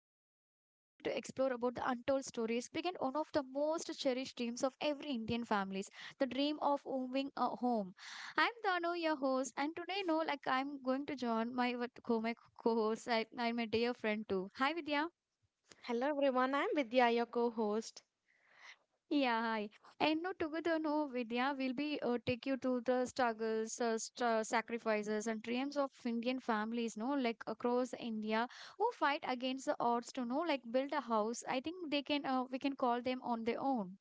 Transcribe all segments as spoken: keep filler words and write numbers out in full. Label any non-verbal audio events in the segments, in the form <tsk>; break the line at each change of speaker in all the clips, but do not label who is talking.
podcast where we're going to explore about the untold stories behind one of the most cherished dreams of every Indian families, the dream of owning a home. I'm Dano, your host, and today, no, like I'm going to join my what- co my co-host, I, I'm a dear friend too. Hi Vidya.
Hello everyone, I'm Vidya, your co host.
Yeah, hi. And no, together, no, Vidya, we'll be uh, take you to the struggles, uh, str sacrifices, and dreams of Indian families, no, like across India, who fight against the odds to know, like build a house. I think they can, uh, we can call them on their own.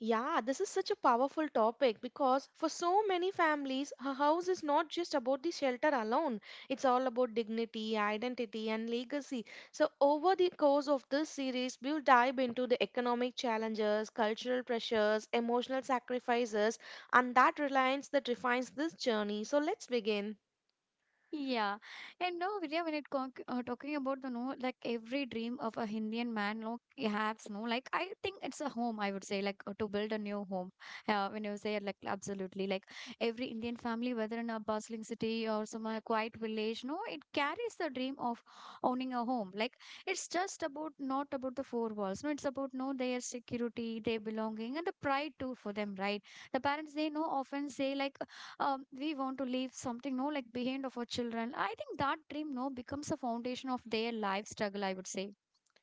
Yeah, this is such a powerful topic because for so many families, a house is not just about the shelter alone. It's all about dignity, identity, and legacy. So, over the course of this series, we'll dive into the economic challenges, cultural pressures, emotional sacrifices, and that reliance that defines this journey. So, let's begin.
Yeah, and no, Vidya, when it con- uh, talking about the no, like every dream of a Indian man, no, he has no, like I think it's a home. I would say, like uh, to build a new home. Uh, when you say it, like absolutely, like every Indian family, whether in a bustling city or some uh, quiet village, no, it carries the dream of owning a home. Like it's just about not about the four walls. No, it's about no their security, their belonging, and the pride too for them, right? The parents they know often say like um, we want to leave something no like behind of our children. I think that dream no becomes a foundation of their life struggle, I would say.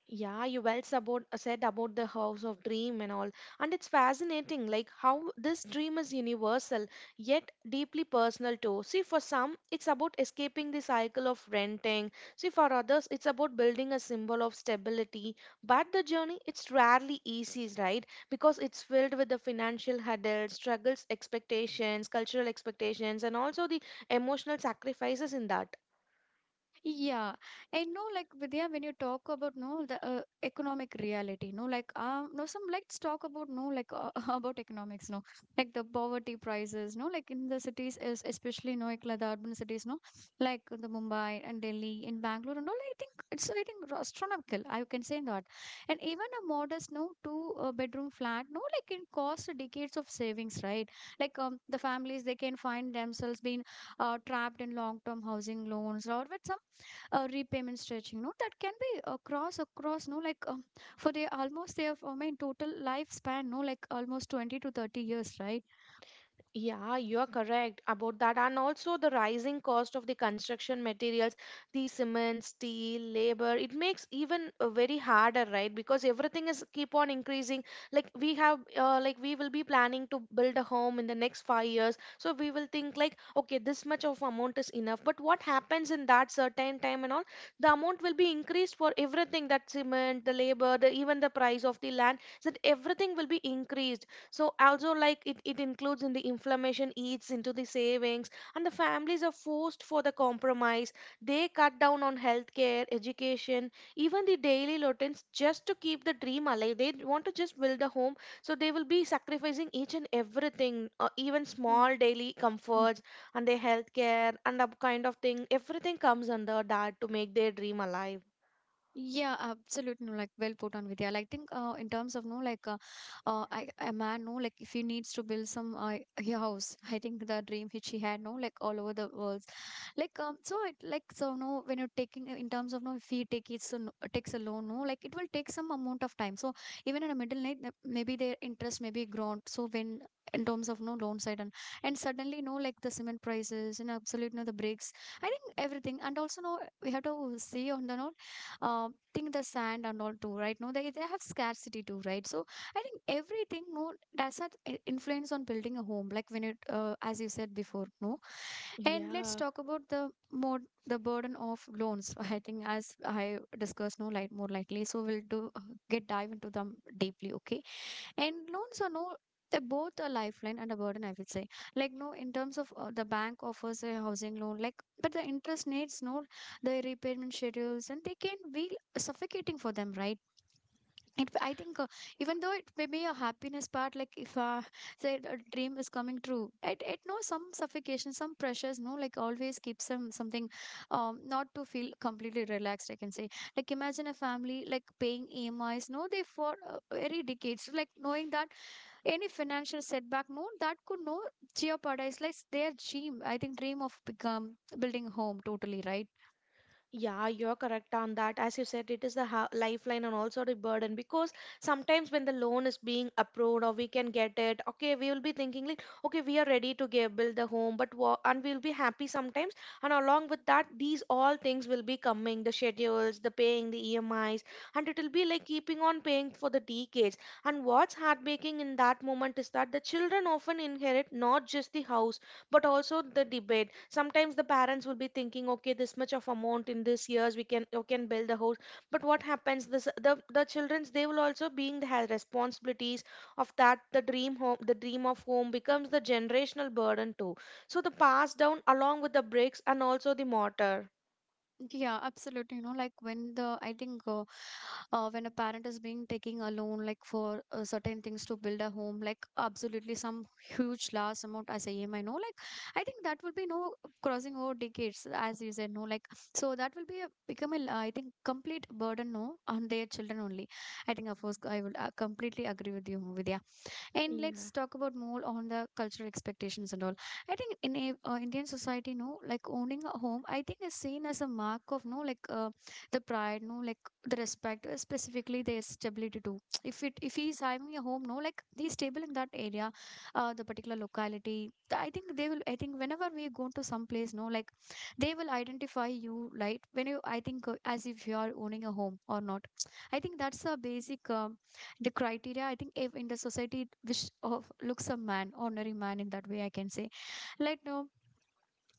Yeah, you well about, said about the house of dream and all. And it's fascinating, like how this dream is universal yet deeply personal too. See, for some, it's about escaping the cycle of renting. See, for others, it's about building a symbol of stability. But the journey, it's rarely easy, right? Because it's filled with the financial hurdles, struggles, expectations, cultural expectations, and also the emotional sacrifices in that.
Yeah, I know, like Vidya, when you talk about no the uh, economic reality, no, like um, no, some let's talk about no, like uh, <laughs> about economics, no, like the poverty prices, no, like in the cities is especially no, like, like the urban cities, no, like the Mumbai and Delhi in Bangalore and all. I think it's I think astronomical. I can say that, and even a modest no two uh, bedroom flat, no, like it costs decades of savings, right? Like um, the families they can find themselves being uh, trapped in long term housing loans or with some uh, repayment stretching no that can be across across no like um, for the almost their I mean total lifespan no like almost twenty to thirty years, right?
Yeah, you are correct about that. And also the rising cost of the construction materials, the cement, steel, labor, it makes even uh, very harder, right? Because everything is keep on increasing. Like we have, uh, like we will be planning to build a home in the next five years. So we will think like, okay, this much of amount is enough. But what happens in that certain time and all, the amount will be increased for everything, that cement, the labor, the even the price of the land, so that everything will be increased, so also like it, it includes in the inflammation eats into the savings, and the families are forced for the compromise. They cut down on healthcare, education, even the daily routines just to keep the dream alive. They want to just build a home, so they will be sacrificing each and everything, uh, even
Mm.
small daily comforts and their healthcare and that kind of thing. Everything comes under that to make their dream alive.
Yeah, absolutely. No, like well put on Vidya. Like, I think uh, in terms of no, like uh, uh, I, a man no, like if he needs to build some uh, a house, I think the dream which he had no, like all over the world. Like um, so it like so no, when you're taking in terms of no, if he take it so no, takes a loan no, like it will take some amount of time. So even in a middle night, the- maybe their interest may be grown. So when in terms of no loan side and and suddenly no like the cement prices and absolute no the breaks. I think everything and also no we have to see on the no um think the sand and all too, right? No, they, they have scarcity too, right? So I think everything no does that i- influence on building a home like when it uh, as you said before, no. And let's
Yeah.
talk about the more, the burden of loans. <laughs> I think as I discussed no light more lightly, so we'll do uh, get dive into them deeply. Okay, and loans are no, they're both a lifeline and a burden, I would say. Like, no, in terms of uh, the bank offers a housing loan, like, but the interest rates, no, the repayment schedules, and they can be suffocating for them, right? It, I think uh, even though it may be a happiness part, like if uh, <laughs> say a dream is coming true, it, it no some suffocation, some pressures, no, like always keeps them something um, not to feel completely relaxed, I can say, like imagine a family like paying emis no they for uh, very decades like knowing that any financial setback no that could no jeopardize like their dream. I think dream of become building home totally, right?
Yeah, you're correct on that. As you said, it is the ha- lifeline and also the burden, because sometimes when the loan is being approved or we can get it, okay, we will be thinking like, okay, we are ready to give, build the home, but what, and we'll be happy sometimes. And along with that, these all things will be coming, the schedules, the paying, the E M Is, and it will be like keeping on paying for the decades. And what's heartbreaking in that moment is that the children often inherit not just the house but also the debate. Sometimes the parents will be thinking okay this much of amount in this years we can you can build the house, but what happens, this the the children's, they will also being the has responsibilities of that. The dream home, the dream of home becomes the generational burden too, so the pass down along with the bricks and also the mortar.
Yeah, absolutely, you know, like when the I think uh, uh, when a parent is being taking a loan like for uh, certain things to build a home like absolutely some huge large amount as a emi no like I think that will be no crossing over decades as you said no like so that will be a, become a l- I think complete burden no on their children only. I think of course I will uh, completely agree with you, Vidya. And
Yeah.
let's talk about more on the cultural expectations and all. I think in a, uh, Indian society, no, like owning a home, I think is seen as a mark of no, like uh, the pride, no, like the respect, uh, specifically their stability too. <tsk> If it if he's having a home, no, like he's stable in that area, uh, the particular locality. Th- I think they will. I think whenever we go to some place, no, like they will identify you, right? When you, I think, uh, as if you are owning a home or not. <tsk> I think that's a basic. Um, the criteria I think if in the society which of looks a man ordinary man in that way I can say, like no.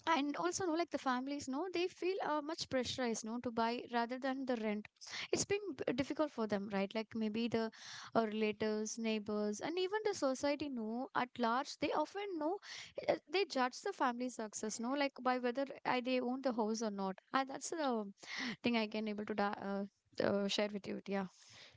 And also no like the families no they feel uh, much pressurized no to buy rather than the rent. It's been b- difficult for them, right? Like maybe the uh, relatives, neighbors, and even the society no at large they often know uh, they judge the family success no like by whether uh, they own the house or not. And that's the thing I can able to da- uh, uh, share with you, yeah.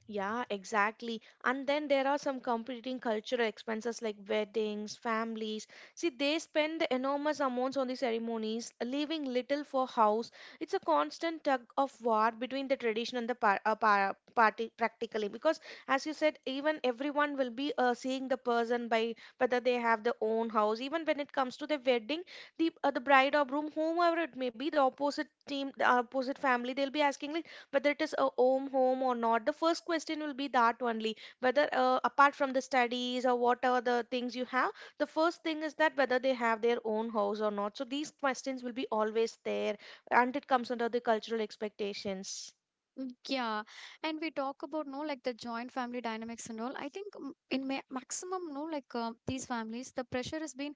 Yeah, exactly. And then there are some competing cultural expenses like weddings, families. See, they spend enormous amounts on the ceremonies, leaving little for house. It's a constant tug of war between the tradition and the par- uh, par- party practically. Because, as you said, even everyone will be uh, seeing the person by whether they have their own house. Even when it comes to the wedding, the uh, the bride or groom, whomever it may be, the opposite team, the opposite family, they'll be asking like whether it is a home home or not. The first question will be that only, whether uh, apart from the studies or what are the things you have, the first thing is that whether they have their own house or not. So these questions will be always there, and it comes under the cultural expectations.
Mm. Yeah, and we talk about no like the joint family dynamics and all. I think mm, in ma maximum no like uh, these families, the pressure has been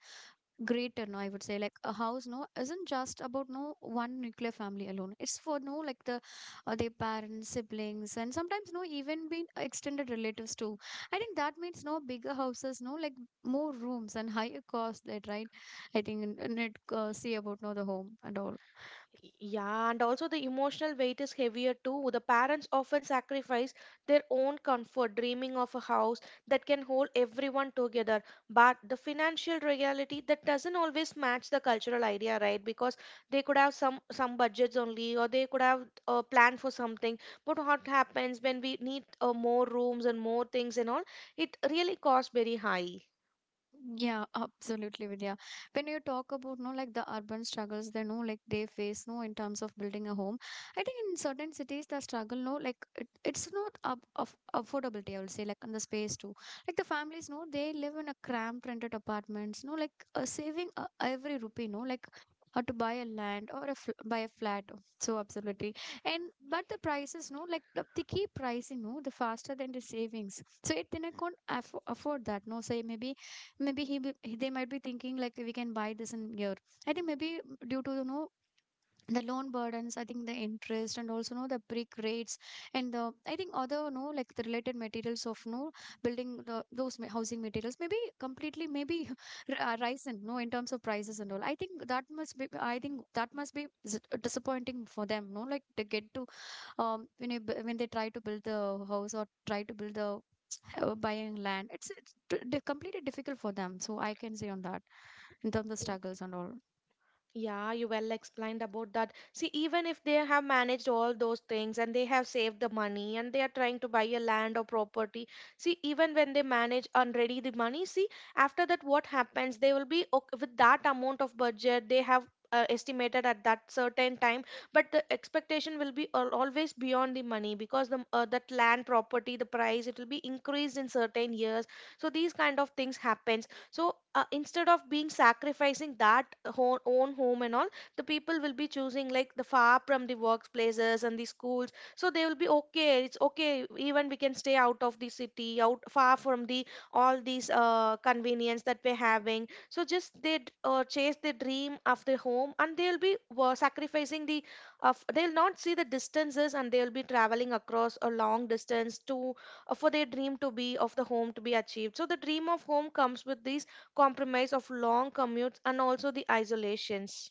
greater. No, I would say like a house no isn't just about no one nuclear family alone. It's for no like the uh, their parents, siblings, and sometimes no even been extended relatives too. I think that means no bigger houses, no like more rooms and higher cost, that right. I think and, and it uh, see about no the home and all.
Yeah, and also the emotional weight is heavier too. The parents often sacrifice their own comfort, dreaming of a house that can hold everyone together. But the financial reality that doesn't always match the cultural idea, right? Because they could have some some budgets only, or they could have uh, planned for something. But what happens when we need uh, more rooms and more things and all? It really costs very high.
Yeah, absolutely, Vidya. When you talk about no like the urban struggles, they know like they face no in terms of building a home. I think in certain cities the struggle no like it, it's not up of affordability. I would say like on the space too. Like the families no they live in a cramped rented apartments. No, like uh, saving uh, every rupee no like uh, to buy a land or a fl buy a flat. So absolutely. And but the prices no like the, the key pricing no the faster than the savings. So it then I can afford afford that no. So maybe maybe he be, he- they might be thinking like we can buy this in year. I think maybe due to you know the loan burdens, I think the interest and also know the brick rates and the I think other you know like the related materials of no building the those ma- housing materials maybe completely maybe <laughs> r- uh, rise in no in terms of prices and all. I think that must be, I think that must be s- disappointing for them no like they get to um when, you, b- when they try to build the house or try to build the uh, buying land. It's, it's d- d- completely difficult for them. So I can say on that in terms of struggles and all.
Yeah, you well explained about that. See, even if they have managed all those things and they have saved the money and they are trying to buy a land or property, see, even when they manage and ready the money, see, after that, what happens? They will be okay with that amount of budget they have uh, estimated at that certain time, but the expectation will be al- always beyond the money, because the uh, that land property, the price, it will be increased in certain years. So these kind of things happen, so uh, instead of being sacrificing that ho- own home and all, the people will be choosing like the far from the workplaces and the schools. So they will be okay, it's okay, even we can stay out of the city, out far from the all these uh, convenience that we're having, so just they d- uh, chase the dream of the home, and they'll be uh, sacrificing the of, they'll not see the distances and they'll be traveling across a long distance to uh, for their dream to be of the home to be achieved. So the dream of home comes with these compromise of long commutes and also the isolations.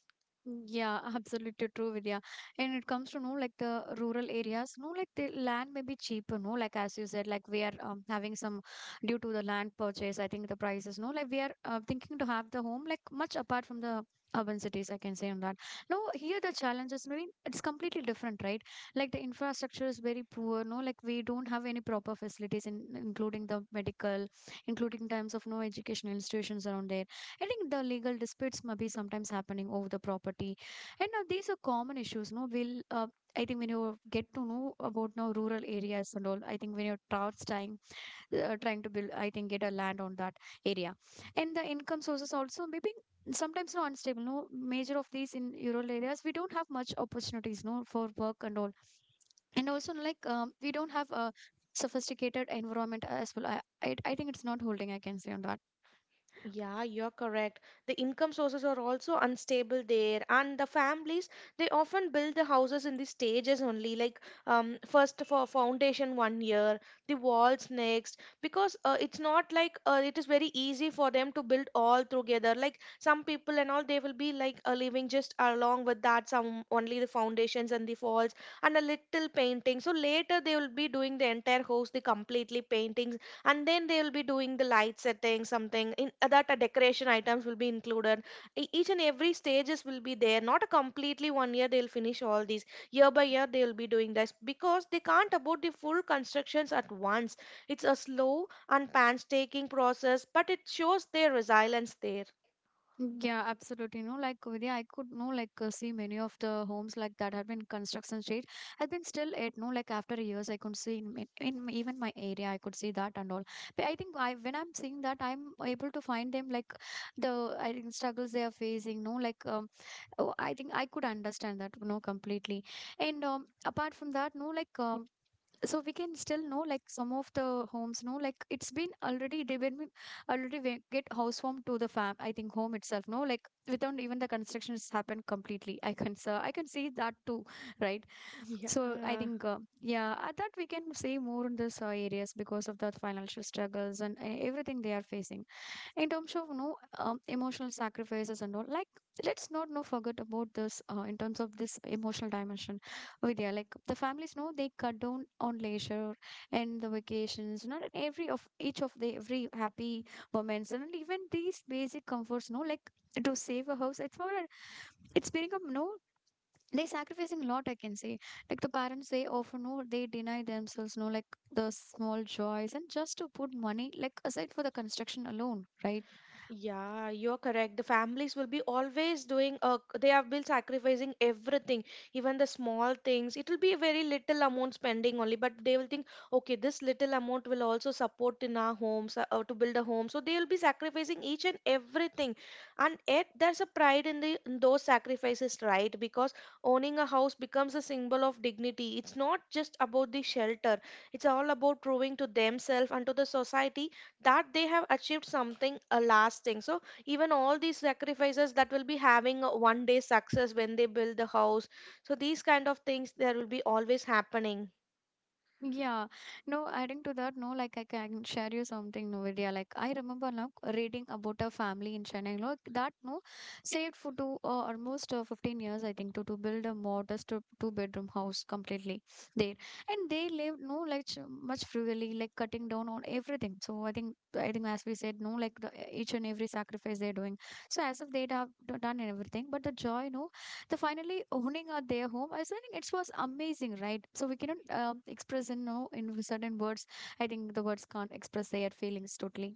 Yeah, absolutely true, Vidya. And it comes to know like the rural areas, no, like the land may be cheaper, no, like as you said, like we are um, having some due to the land purchase. I think the prices, no, like we are uh, thinking to have the home like much apart from the urban cities. I can say on that. No, here the challenge is maybe it's completely different, right? Like the infrastructure is very poor, no, like we don't have any proper facilities in including the medical, including times of no educational institutions around there. I think the legal disputes may be sometimes happening over the property, and now these are common issues. No, will uh, I think when you get to know about now rural areas and all, I think when you're towards trying uh, trying to build, I think get a land on that area, and the income sources also maybe sometimes no unstable. No, major of these in rural areas we don't have much opportunities. No, for work and all, and also like um, we don't have a sophisticated environment as well. I, I I think it's not holding, I can say on that.
Yeah, you're correct. The income sources are also unstable there, and the families, they often build the houses in the stages only, like um, first for foundation one year, the walls next, because uh, it's not like uh, it is very easy for them to build all together. Like some people and all, they will be like uh, living just along with that, some only the foundations and the walls and a little painting. So later they will be doing the entire house, the completely paintings, and then they will be doing the light setting something in uh, that uh, decoration items will be included. E- each and every stages will be there, not a completely one year they'll finish all these. Year by year they will be doing this, because they can't about the full constructions at once. It's a slow and painstaking process, but it shows their resilience there.
Yeah, absolutely. No, like Vidya, I could no like uh, see many of the homes like that have been construction stage. I've been still it. No, like after years, I could see in, my- in my- even my area, I could see that and all. But I think I when I'm seeing that, I'm able to find them like the I think struggles they are facing. No, like um, oh, I think I could understand that. No, completely. And um, apart from that, no, like um, so we can still know like some of the homes know like it's been already they when already we get house to the fam I think home itself no like without even the construction has happened completely i can sir I can see that too, right. So i
Yeah.
think uh, yeah uh, that we can say more in this uh, areas because of the financial struggles and uh, everything they are facing in terms of no um, emotional sacrifices and all. Like, let's not no forget about this uh, in terms of this emotional dimension, Vidya. Like the families know they cut down on leisure and the vacations, not every of each of the every happy moments and even these basic comforts, no like to save a house. It's for a It's become no they sacrificing a lot, I can say. Like the parents, they often know they deny themselves, no, like the small joys and just to put money like aside for the construction alone, right?
Yeah, you're correct. The families will be always doing, uh, they have been sacrificing everything, even the small things. It will be a very little amount spending only, but they will think, okay, this little amount will also support in our homes, uh, uh, to build a home. So they will be sacrificing each and everything. And yet, there's a pride in, the, in those sacrifices, right? Because owning a house becomes a symbol of dignity. It's not just about the shelter, it's all about proving to themselves and to the society that they have achieved something uh, lasting. So even all these sacrifices that will be having a one day success when they build the house, so these kind of things there will be always happening.
Yeah, no, adding to that, no, like I can share you something. No, Novidia. Like I remember now reading about a family in Chennai, like that, no, saved for two uh, almost uh, fifteen years, I think, to, to build a modest uh, two bedroom house completely there. And they lived, no, like ch- much frugally, like cutting down on everything. So I think, I think, as we said, no, like the each and every sacrifice they're doing. So as if they'd have d- done everything, but the joy, no, so finally owning out their home, I was think it was amazing, right? So we cannot um express in no in certain words. I think the words can't express their feelings totally.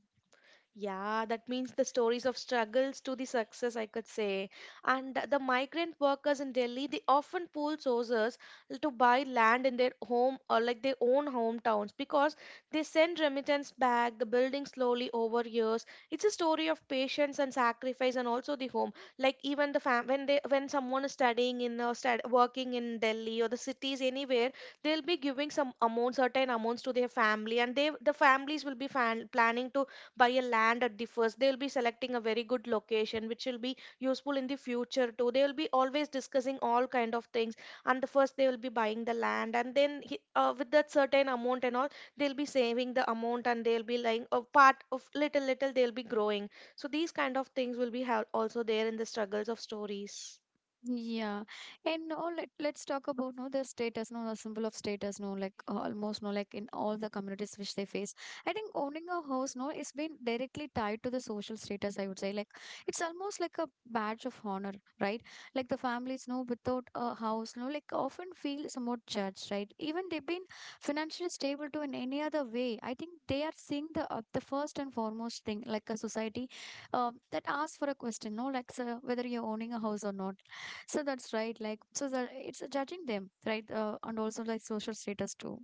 Yeah, that means the stories of struggles to the success, I could say. And the migrant workers in Delhi, they often pool sources to buy land in their home or like their own hometowns, because they send remittance back, the building slowly over years. It's a story of patience and sacrifice and also the home. Like even the fam when they when someone is studying in or stud working in Delhi or the cities anywhere, they'll be giving some amount, certain amounts to their family, and they the families will be fan planning to buy a land at the first. They will be selecting a very good location which will be useful in the future too. They will be always discussing all kind of things, and the first they will be buying the land, and then he, uh, with that certain amount and all they'll be saving the amount, and they'll be like a part of little little they'll be growing. So these kind of things will be ha- also there in the struggles of stories.
Yeah, and now let let's talk about no the status, no the symbol of status, no like uh, almost no like in all the communities which they face. I think owning a house, no, is been directly tied to the social status. I would say like it's almost like a badge of honor, right? Like the families, no, without a house, no, like often feel somewhat judged, right? Even they've been financially stable to in any other way. I think they are seeing the uh, the first and foremost thing like a society, um, that asks for a question, no, like sir, whether you're owning a house or not. So that's right, like so that it's uh, judging them, right, uh, and also like social status too.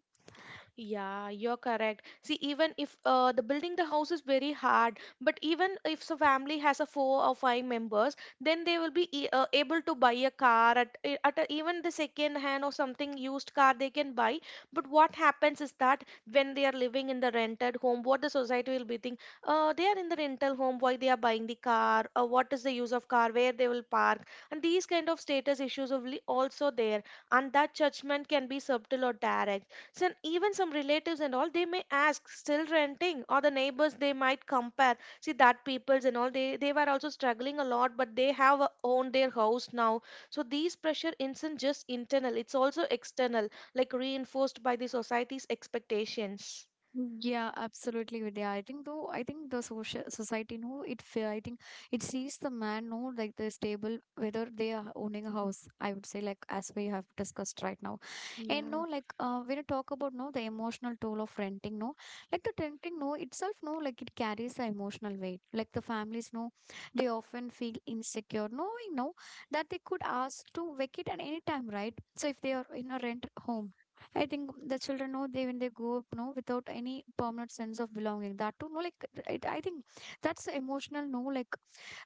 Yeah, you're correct. See, even if uh, the building the house is very hard, but even if the family has a four or five members, then they will be e- uh, able to buy a car at e- at a, even the second hand or something used car they can buy. But what happens is that when they are living in the rented home, what the society will be thinking, uh, they are in the rental home, why they are buying the car? Uh, what is the use of car? Where they will park? And these kind of status issues are really also there, and that judgment can be subtle or direct. So even some relatives and all, they may ask, still renting, or the neighbors they might compare. See that peoples and all, they they were also struggling a lot, but they have uh, owned their house now. So these pressure isn't just internal; it's also external, like reinforced by the society's expectations.
Yeah, absolutely, Vidya. I think though, I think the social society know it. fe- I think it sees the man know like the stable whether they are owning a house. I would say like as we have discussed right now, and no
Yeah.
like uh, when you talk about no the emotional toll of renting, no, like the renting no itself, no like it carries the emotional weight. Like the families, no, they often feel insecure knowing no that they could ask to vacate at any time, right? So if they are in a rent home. I think the children know they when they grow up, no, without any permanent sense of belonging. That too, no, like it, I think that's emotional, no, like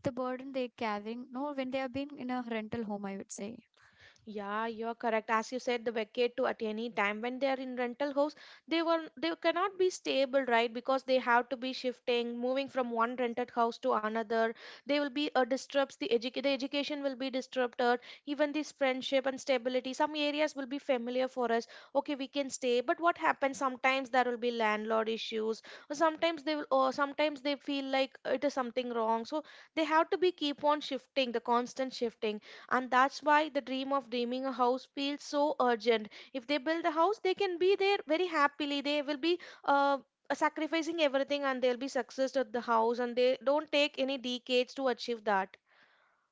the burden they carrying, no, when they have been in a rental home, I would say.
Yeah, you're correct. As you said, the vacate to at any time when they are in rental house, they were they cannot be stable, right? Because they have to be shifting, moving from one rented house to another. They will be uh, disturbs the educ the education will be disturbed, uh, even this friendship and stability. Some areas will be familiar for us. Okay, we can stay, but what happens sometimes there will be landlord issues, or sometimes they will, or sometimes they feel like it is something wrong. So they have to be keep on shifting, the constant shifting. And that's why the dream of dreaming a house feels so urgent. If they build a house, they can be there very happily. They will be uh, sacrificing everything and they'll be success at the house and they don't take any decades to achieve that.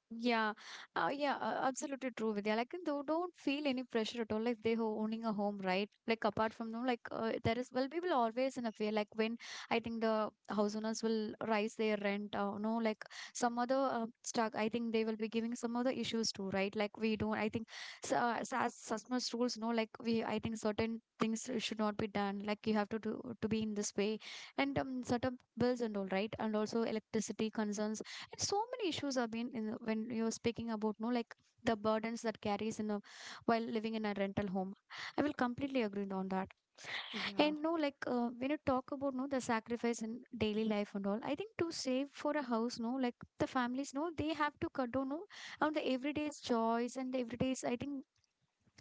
Yeah, uh, yeah, uh, absolutely true, Vidya. Like, they don't feel any pressure at all. Like, they ho owning a home, right? Like, apart from them, like, uh, there is, well, people always in a fear. Like, when I think the house owners will rise their rent, uh, no, like, some other uh, stuck, I think they will be giving some other issues too, right? Like, we don't, I think, so, as, as customers rules, no, like, we, I think certain things should not be done. Like, you have to do, to be in this way, and um, certain bills and all, right? And also electricity concerns. And so many issues have been in the- when you're speaking about no like the burdens that carries in a, while living in a rental home. I will completely agree on that. And no like uh, when you talk about no the sacrifice in daily life and all, I think to save for a house, no like the families no they have to cut down no on the everyday's joys and the everyday's I think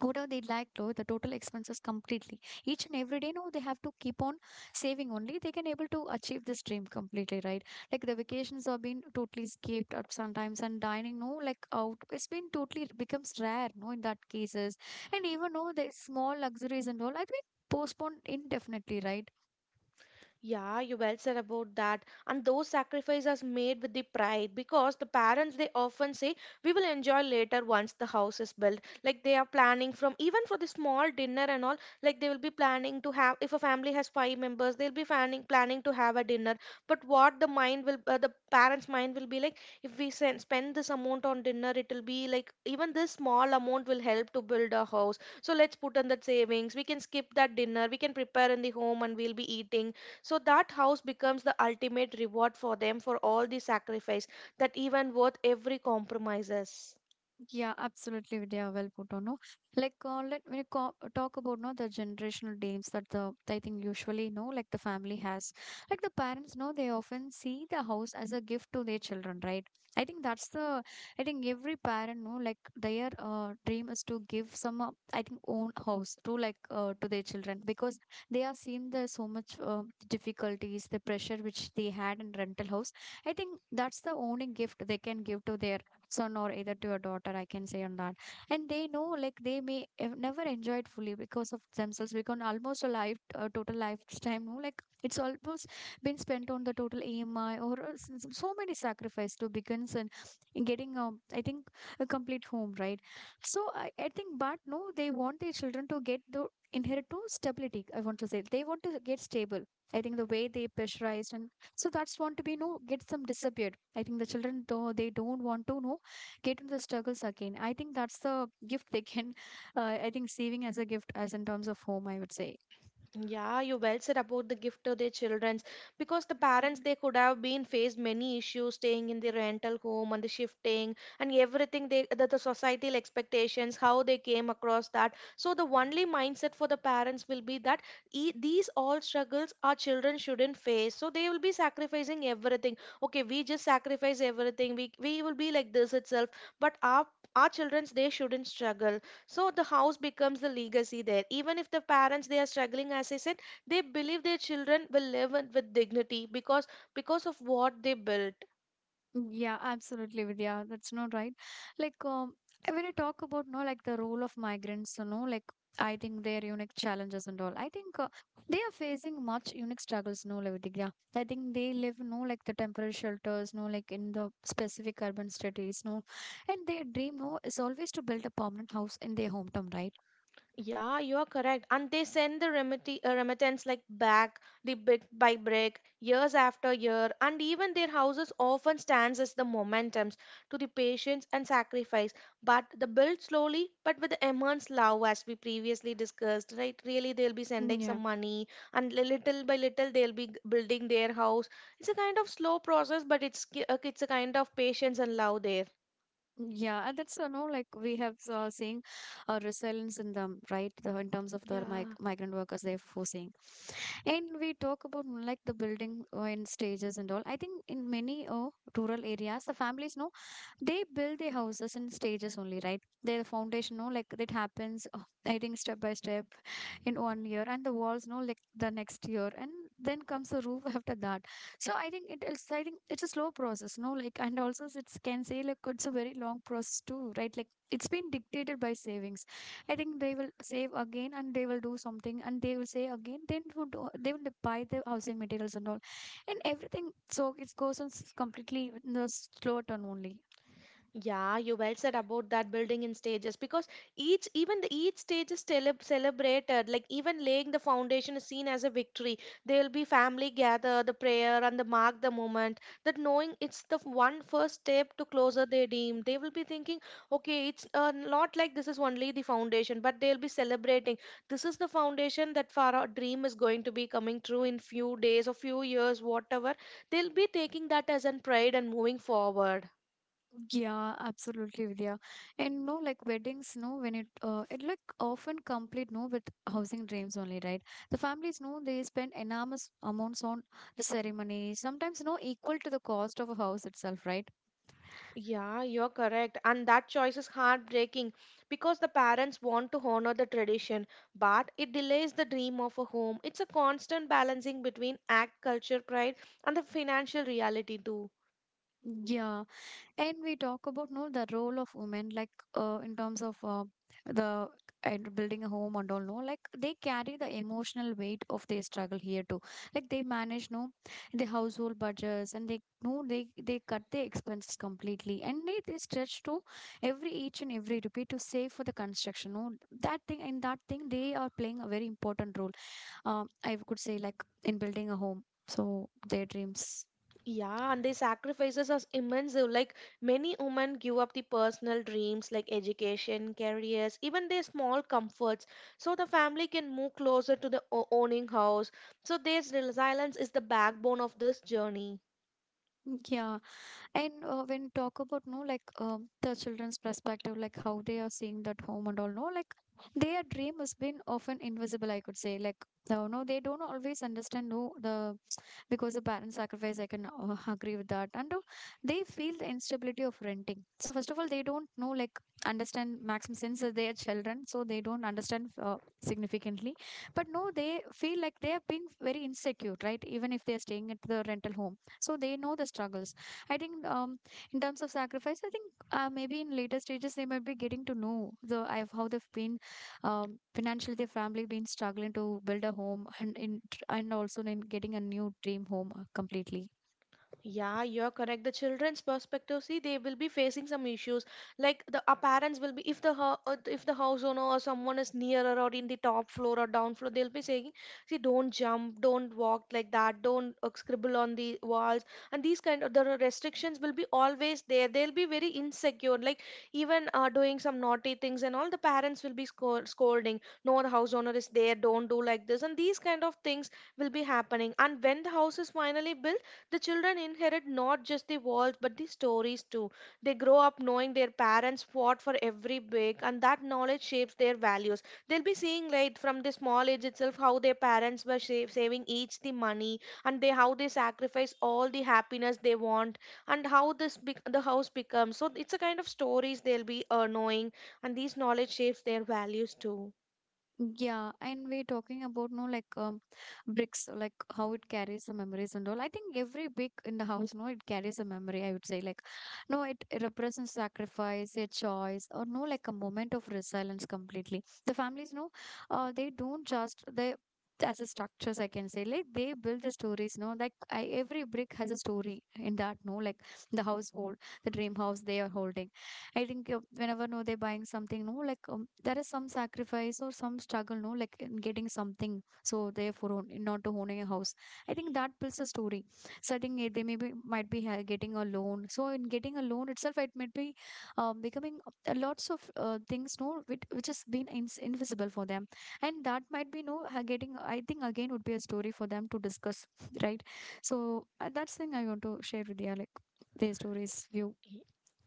whatever they like though the total expenses completely each and every day, no, they have to keep on saving only they can able to achieve this dream completely, right? Like the vacations have been totally skipped at sometimes and dining, no, like out it's been totally becomes rare, no, in that cases. And even though the small luxuries and all, I think postponed indefinitely, right?
Yeah, you well said about that. And those sacrifices made with the pride because the parents they often say we will enjoy later once the house is built. Like they are planning from even for the small dinner and all, like they will be planning to have if a family has five members, they'll be planning planning to have a dinner. But what the mind will uh, the parents' mind will be like if we sen- spend this amount on dinner, it'll be like even this small amount will help to build a house. So let's put in that savings. We can skip that dinner. We can prepare in the home and we'll be eating so that house becomes the ultimate reward for them for all the sacrifice that even worth every compromises.
Yeah, absolutely, Vidya. Well put on. No, like uh, let me co- talk about no the generational dreams that the I think usually no like the family has. Like the parents, no, they often see the house as a gift to their children, right? I think that's the I think every parent, no, like their uh, dream is to give some uh, I think own house to like uh, to their children, because they are seeing the so much uh, difficulties, the pressure which they had in rental house. I think that's the only gift they can give to their son or either to your daughter, I can say on that. And they know like they may have never enjoy it fully because of themselves, because almost a life a total lifetime, no? Like it's almost been spent on the total ami or uh, s- s- so many sacrifice to begins and in getting um, I think a complete home, right? So I, I think but no they want their children to get the inherit to stability, I want to say they want to get stable. I think the way they pressurized, and so that's want to be no get some disappeared. I think the children though they don't want to know get into the struggles again. I think that's the gift they can <laughs> uh, I think saving as a gift as in terms of home, I would say.
Yeah, you well said about the gift to their childrens because the parents they could have been faced many issues staying in the rental home and the shifting and everything they the, the societal expectations how they came across that. So the only mindset for the parents will be that e these all struggles our children shouldn't face. So they will be sacrificing everything. Okay, we just sacrifice everything. We we will be like this itself, but our our childrens they shouldn't struggle so the house becomes the legacy there even if the parents they are struggling as I said they believe their children will live with with dignity because because of what they built.
Yeah, absolutely, Vidya. That's not right. Like, um, when you talk about, no, like the role of migrants, you know, like I think their unique challenges and all. I think uh, they are facing much unique struggles, no, like Vidya. I think they live, no, like the temporary shelters, no, like in the specific urban cities, no, and their dream, no, is always to build a permanent house in their hometown, right?
Yeah, you are correct. And they send the remit- uh, remittance like back the bit by brick, years after year, and even their houses often stands as the momentums to the patience and sacrifice. But the build slowly, but with the immense love, as we previously discussed, right? Really, they'll be sending some
Yeah.
money, and li- little by little, they'll be g- building their house. It's a kind of slow process, but it's ki- uh, it's a kind of patience and love there.
Yeah, and that's, you know, like we have uh, seen uh, resilience in them, right? The, in terms of the mig
Yeah.
migrant workers they're forcing. And we talk about mm, like the building uh, in stages and all. I think in many uh, rural areas, the families know they build their houses in stages only, right? Their foundation, no, like it happens, uh, I think, step by step in one year, and the walls, no, like the next year, and then comes the roof <laughs> after that. So I think it is, I think it's a slow process, no, like, and also it can say like it's a very long process too, right? Like it's been dictated by savings. I think they will save again and they will do something and they will say again then would do, they will buy the housing materials and all and everything, so it goes on s- completely in the slow turn only.
Yeah, you well said about that building in stages because each even the each stage is celeb celebrated. Like even laying the foundation is seen as a victory. There will be family gather, the prayer and the mark the moment. That knowing it's the f- one first step to closer they deem. They will be thinking, okay, it's uh, not like this is only the foundation, but they'll be celebrating. This is the foundation that for our dream is going to be coming true in few days or few years, whatever. They'll be taking that as an pride and moving forward.
Yeah, absolutely, Vidya. And no, like weddings, no, when it uh, it like often complete no with housing dreams only, right? The families know they spend enormous amounts on the ceremony, sometimes no equal to the cost of a house itself, right?
Yeah, you're correct. And that choice is heartbreaking because the parents want to honor the tradition, but it delays the dream of a home. It's a constant balancing between act, culture, pride, and the financial reality, too.
Yeah. And we talk about no the role of women, like uh, in terms of uh, the and building a home and all, no, like they carry the emotional weight of their struggle here too. Like they manage, no, the household budgets and they, no, they they cut their expenses completely, and they, they stretch to every each and every rupee to save for the construction, no, that thing and that thing. They are playing a very important role, um I could say, like in building a home. So their dreams,
Yeah, and the sacrifices are immense. Though. Like many women give up the personal dreams like education, careers, even their small comforts, so the family can move closer to the o- owning house. So, their silence is the backbone of this journey.
yeah. And uh, when talk about no, like um, the children's perspective, like how they are seeing that home and all, no, like their dream has been often invisible. I could say like no, no, they don't always understand no the because the parent sacrifice, I can uh, agree with that, and uh, they feel the instability of renting. So first of all, they don't know like understand maximum, since they are children, so they don't understand uh, significantly, but no, they feel like they have been very insecure, right? Even if they are staying at the rental home, so they know the struggles. I think um, in terms of sacrifice, I think uh, maybe in later stages they might be getting to know the I- how they've been, um, financially, their family been struggling to build a home, and in and also then getting a new dream home uh, completely.
Yeah, you're correct. The children's perspective, see, they will be facing some issues. Like the our parents will be, if the hou- uh, if the house owner or someone is nearer or in the top floor or down floor, they'll be saying, see, don't jump, don't walk like that, don't uh, scribble on the walls, and these kind of the restrictions will be always there. They'll be very insecure. Like even uh, doing some naughty things and all, the parents will be scold, scolding. No, the house owner is there. Don't do like this, and these kind of things will be happening. And when the house is finally built the children inherit not just the walls but the stories too. They grow up knowing their parents fought for every big, and that knowledge shapes their values. They'll be seeing like from the small age itself how their parents were save, saving each the money and they how they sacrifice all the happiness they want and how this bec- the house becomes. So it's a kind of stories they'll be uh, knowing, and these knowledge shapes their values too.
Yeah, and we're talking about no, like um, bricks, like how it carries the memories and all. I think every brick in the house, no, it carries a memory. I would say like, no, it it represents sacrifice, a choice, or no, like a moment of resilience completely. The families, no, uh, they don't just they as a structures, I can say, like they build the stories, no, like I, every brick has a story in that, no, like the household, the dream house they are holding. I think uh, whenever no they're buying something, no, like um, there is some sacrifice or some struggle, no, like in getting something. So therefore, own, not to owning a house. I think that builds a story. So I think uh, they maybe might be uh, getting a loan. So in getting a loan itself, it might be uh, becoming a lots of uh, things, no, which, which has been ins invisible for them, and that might be no uh, getting. I think again would be a story for them to discuss, <laughs> right? So uh, that's thing I want to share with you, like their stories view.
Y-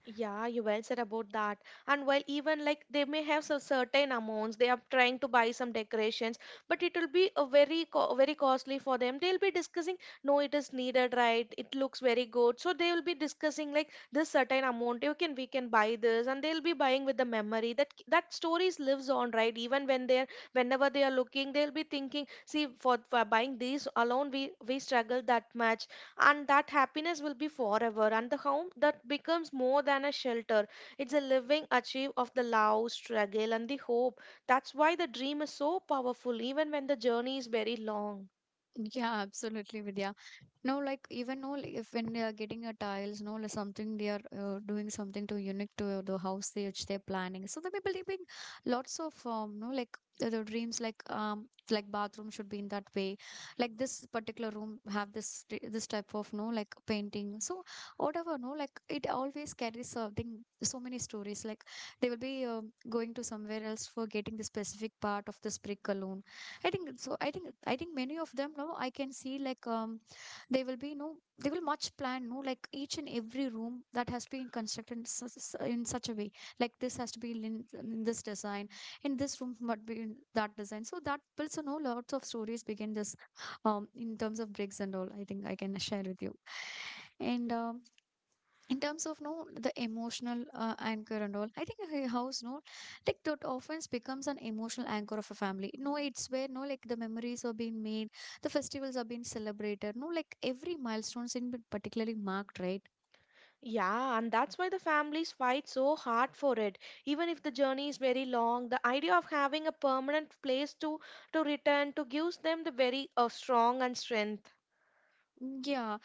Yeah, you well said about that. And while even like they may have some certain amounts, they are trying to buy some decorations, but it will be a very co very costly for them. They'll be discussing, no, it is needed, right? It looks very good. So they will be discussing like this certain amount. You can we can buy this, and they'll be buying with the memory that that stories lives on, right? Even when they're whenever they are looking, they'll be thinking, see, for, for buying these alone, we we struggled that much and that happiness will be forever and the home that becomes more than a shelter it's a living achieve of the love struggle and the hope that's why the dream is so powerful even when the journey is very long.
Yeah, absolutely, Vidya. No, like even no, like, if when they are getting a tiles, no, like something they are uh, doing something to unique to the house they, which they're planning. So they may be leaving lots of um, no, like the, the dreams, like um, like bathroom should be in that way, like this particular room have this t- this type of no, like painting. So whatever, no, like it always carries something, so many stories. Like they will be um going to somewhere else for getting the specific part of this brick alone. I think so. I think I think many of them, no, I can see like um they will be no, they will much plan, no, like each and every room that has been constructed in such, s- in such a way. Like this has to be in, in this design, in this room must be in that design. So that builds, you know, lots of stories begin this, um, in terms of bricks and all. I think I can share with you, and um, in terms of no the emotional uh, anchor and all, I think a house, no, like that often becomes an emotional anchor of a family. No, it's where, no, like the memories are being made, the festivals are being celebrated, no, like every milestones in been particularly marked, right?
Yeah, and that's why the families fight so hard for it. Even if the journey is very long, the idea of having a permanent place to to return to gives them the very uh, strong and strength.
Mm, yeah,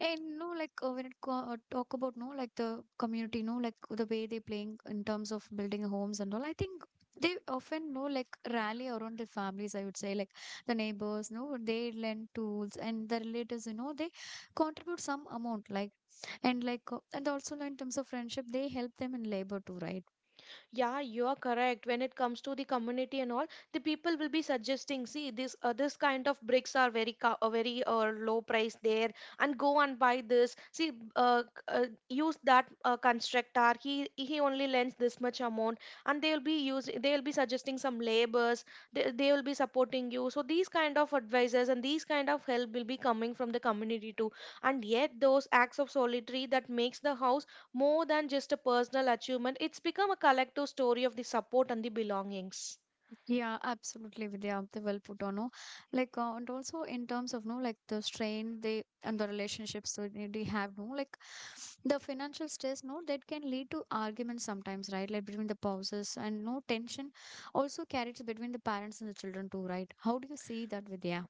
and no, like uh, when it co uh, talk about no, like the community, no, like the way they playing in terms of building homes and all. I think they often know like rally around their families. I would say like the neighbors, no, they lend tools, and the relatives, you know, they contribute some amount, like and like uh, and also no, in terms of friendship, they help them in labor too, right?
Yeah, you are correct. When it comes to the community and all, the people will be suggesting, see, this uh, this kind of bricks are very co- uh, very uh, low price there, and go and buy this. See, uh, c- uh, use that uh, constructor. He he only lends this much amount, and they will be use they will be suggesting some labors. They they will be supporting you. So these kind of advisors and these kind of help will be coming from the community too. And yet those acts of solitary that makes the house more than just a personal achievement, it's become a collective story of the support and the belongings.
Yeah, absolutely, Vidya. They well put on. No, like uh, and also in terms of no, like the strain they and the relationships that they they have. No, like the financial stress. No, that can lead to arguments sometimes, right? Like between the spouses, and no tension also carries between the parents and the children too, right? How do you see that, Vidya?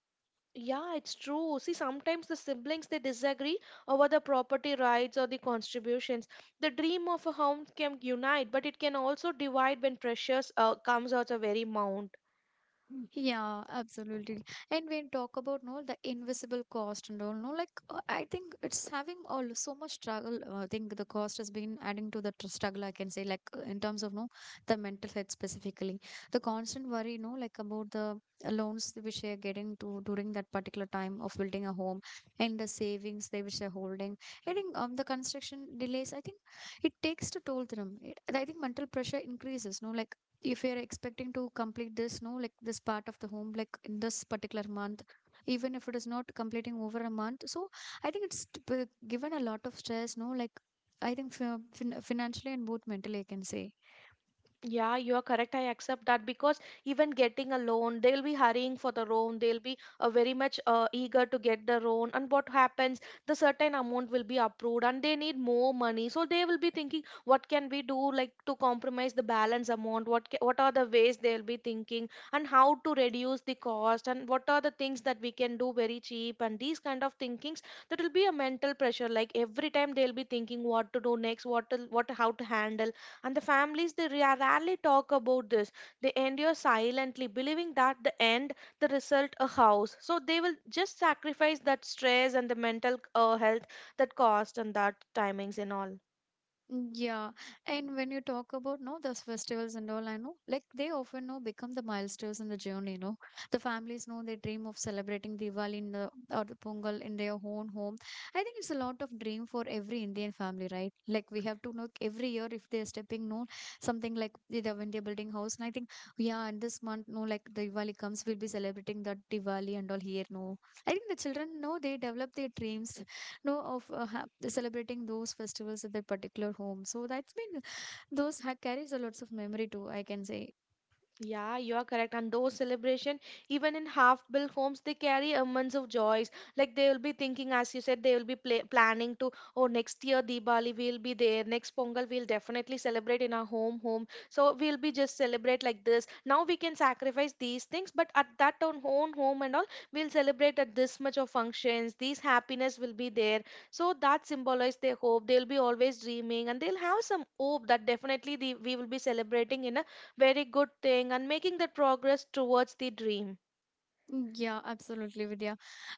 Yeah, it's true. See, sometimes the siblings they disagree over the property rights or the contributions. The dream of a home can unite, but it can also divide when pressures uh, comes out a very mount.
Yeah, absolutely. And when talk about no the invisible cost and all, no, like uh, I think it's having all so much struggle. uh, I think the cost has been adding to the tr- struggle. I can say, like uh, in terms of no the mental health specifically, the constant worry, no, like about the uh, loans which they are getting to during that particular time of building a home and the savings they which they're holding. I think um the construction delays. I think it takes to toll them. It, I think mental pressure increases. No, like if you're expecting to complete this, no, like this part of the home, like in this particular month, even if it is not completing over a month, so I think it's t- p- given a lot of stress, no, like I think fi- fin- financially and both mentally, I can say.
Yeah, you are correct. I accept that because even getting a loan, they'll be hurrying for the loan. They'll be uh, very much uh, eager to get the loan. And what happens? The certain amount will be approved, and they need more money. So they will be thinking, what can we do, like to compromise the balance amount? What ca- what are the ways they'll be thinking, and how to reduce the cost, and what are the things that we can do very cheap? And these kind of thinkings that will be a mental pressure. Like every time they'll be thinking what to do next, what to, what how to handle and the families, they ra- rarely talk about this. They endure silently, believing that the end, the result, a house. So they will just sacrifice that stress and the mental uh, health, that cost and that timings and all.
Yeah, and when you talk about no those festivals and all, I know like they often know become the milestones in the journey. You know, the families know they dream of celebrating Diwali in the or the Pongal in their own home. I think it's a lot of dream for every Indian family, right? Like we have to know every year if they're stepping no something like either when they're building house. And I think yeah, in this month, no, like the Diwali comes, we'll be celebrating that Diwali and all here. No, I think the children know they develop their dreams know of uh, ha- celebrating those festivals at their particular home, so that's been those ha- carries a lots of memory too, I can say.
Yeah, you are correct. And those celebration, even in half-built homes, they carry a months of joys. Like they will be thinking, as you said, they will be pla planning to, oh, next year Diwali we'll be there. Next Pongal we'll definitely celebrate in our home, home. So we'll be just celebrate like this. Now we can sacrifice these things, but at that own own home and all, we'll celebrate at this much of functions. These happiness will be there. So that symbolizes their hope. They'll be always dreaming, and they'll have some hope that definitely the, we will be celebrating in a very good thing and making that progress towards the dream.
Yeah, absolutely, Vidya.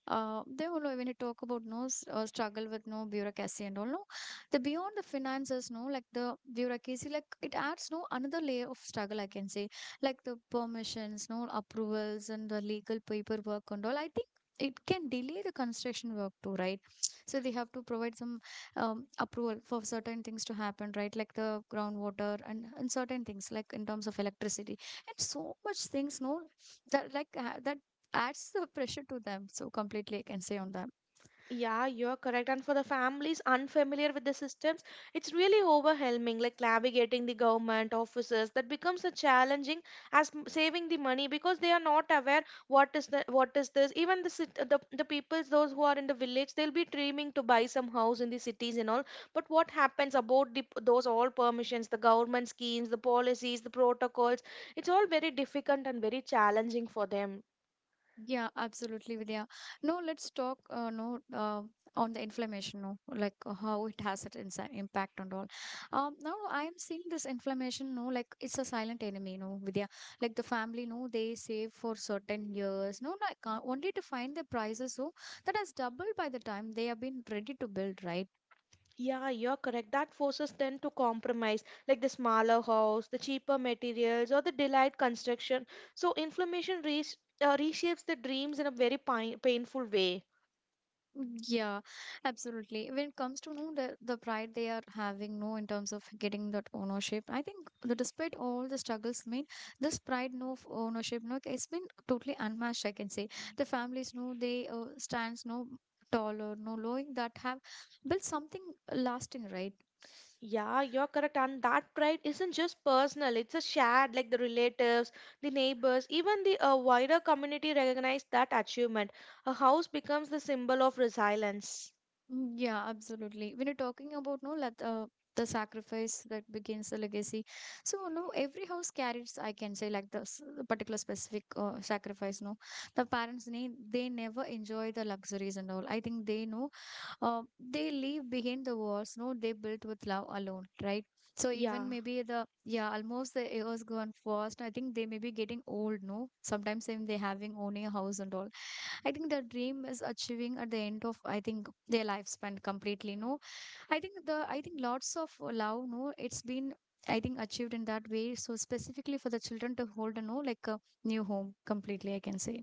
Uh, they will, when you talk about no s- uh, struggle with no bureaucracy and all, no, the beyond the finances, no, like the bureaucracy, like it adds no another layer of struggle, I can say, like the permissions, no approvals, and the legal paperwork and all. I think it can delay the construction work too, right? So they have to provide some um, approval for certain things to happen, right? Like the groundwater and, and certain things, like in terms of electricity and so much things, no, that like uh, that adds the pressure to them. So completely, I can say on that.
Yeah, you're correct. And for the families unfamiliar with the systems, it's really overwhelming, like navigating the government offices that becomes a challenging as m- saving the money, because they are not aware what is the what is this, even the cit- the, the peoples those who are in the village, they'll be dreaming to buy some house in the cities and all. But what happens about the, those all permissions, the government schemes, the policies, the protocols? It's all very difficult and very challenging for them.
Yeah, absolutely, Vidya. No, let's talk. Uh, no, uh, on the inflammation. No, like uh, how it has its impact on all. Um, now I am seeing this inflammation. No, like it's a silent enemy. No, Vidya. Like the family. No, they save for certain years. No, like uh, only to find the prices. So that has doubled by the time they have been ready to build. Right.
Yeah, you're correct. That forces them to compromise, like the smaller house, the cheaper materials, or the delayed construction. So inflammation res- uh, reshapes the dreams in a very pain- painful way.
Mm, yeah, absolutely. When it comes to know the, the pride they are having, no, in terms of getting that ownership, I think the despite all the struggles, I mean, this pride, no, of ownership, no, it's been totally unmatched. I can say the families, no, they uh, stands, no, taller, no, knowing that have built something lasting, right?
Yeah, you're correct. And that pride isn't just personal, it's a shared, like the relatives, the neighbors, even the uh, wider community recognize that achievement. A house becomes the symbol of resilience.
Mm, yeah, absolutely. When you're talking about no, let uh, the sacrifice that begins the legacy. So no, every house carries, I can say, like the s- particular specific uh, sacrifice. No, the parents need they never enjoy the luxuries and all. I think they know uh, they leave behind the walls, no, they built with love alone, right? So
Yeah.
even maybe the yeah almost the years gone fast, I think they may be getting old, no, sometimes even they having owning a house and all. I think the dream is achieving at the end of, I think, their lifespan completely. No, I think the, I think lots of love, no, it's been, I think, achieved in that way, so specifically for the children to hold a no like a new home completely, I can say.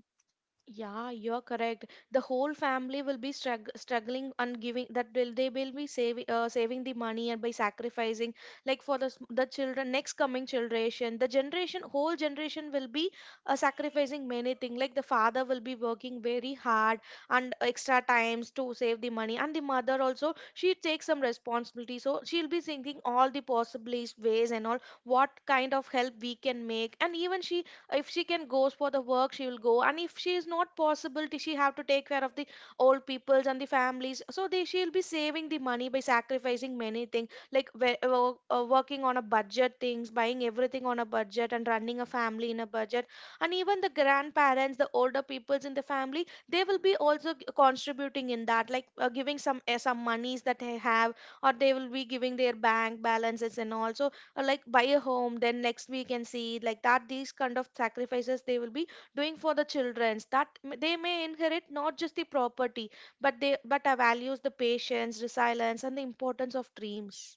Yeah, you're correct. The whole family will be strugg struggling and giving that will they will be saving, uh, saving the money, and by sacrificing, like for the s- the children next coming generation, the generation whole generation will be uh, sacrificing many things. Like the father will be working very hard and extra times to save the money, and the mother also, she takes some responsibility, so she'll be thinking all the possible ways and all, what kind of help we can make. And even she, if she can goes for the work, she will go, and if she is not possible, t- she have to take care of the old peoples and the families. So they she'll be saving the money by sacrificing many things, like we- uh, wo- uh, working on a budget things, buying everything on a budget, and running a family in a budget. And even the grandparents, the older peoples in the family, they will be also g- contributing in that, like uh, giving some, uh, some monies that they have, or they will be giving their bank balances and all. So, uh, like buy a home, then next we can see like that. These kind of sacrifices they will be doing for the childrens, that m- they may inherit not just the property, but they but uh, values, the patience, resilience, and the importance of dreams.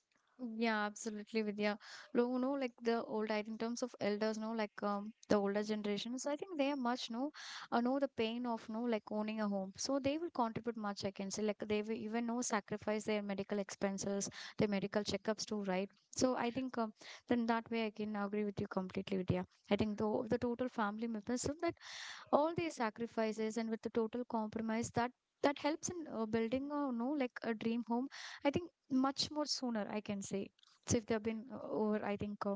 Yeah, absolutely, Vidya. Lo- You know, like the old, I in terms of elders, no, like um, the older generations, I think they are much, no, uh, know the pain of, no, like owning a home. So they will contribute much, I can say. Like they will even, no, sacrifice their medical expenses, their medical checkups too, right? So I think um, then that way I can agree with you completely, Vidya. I think the, the total family members, so that all these sacrifices and with the total compromise that that helps in uh, building a no like a dream home. I think much more sooner, I can say. So if they've been uh, over, I think uh,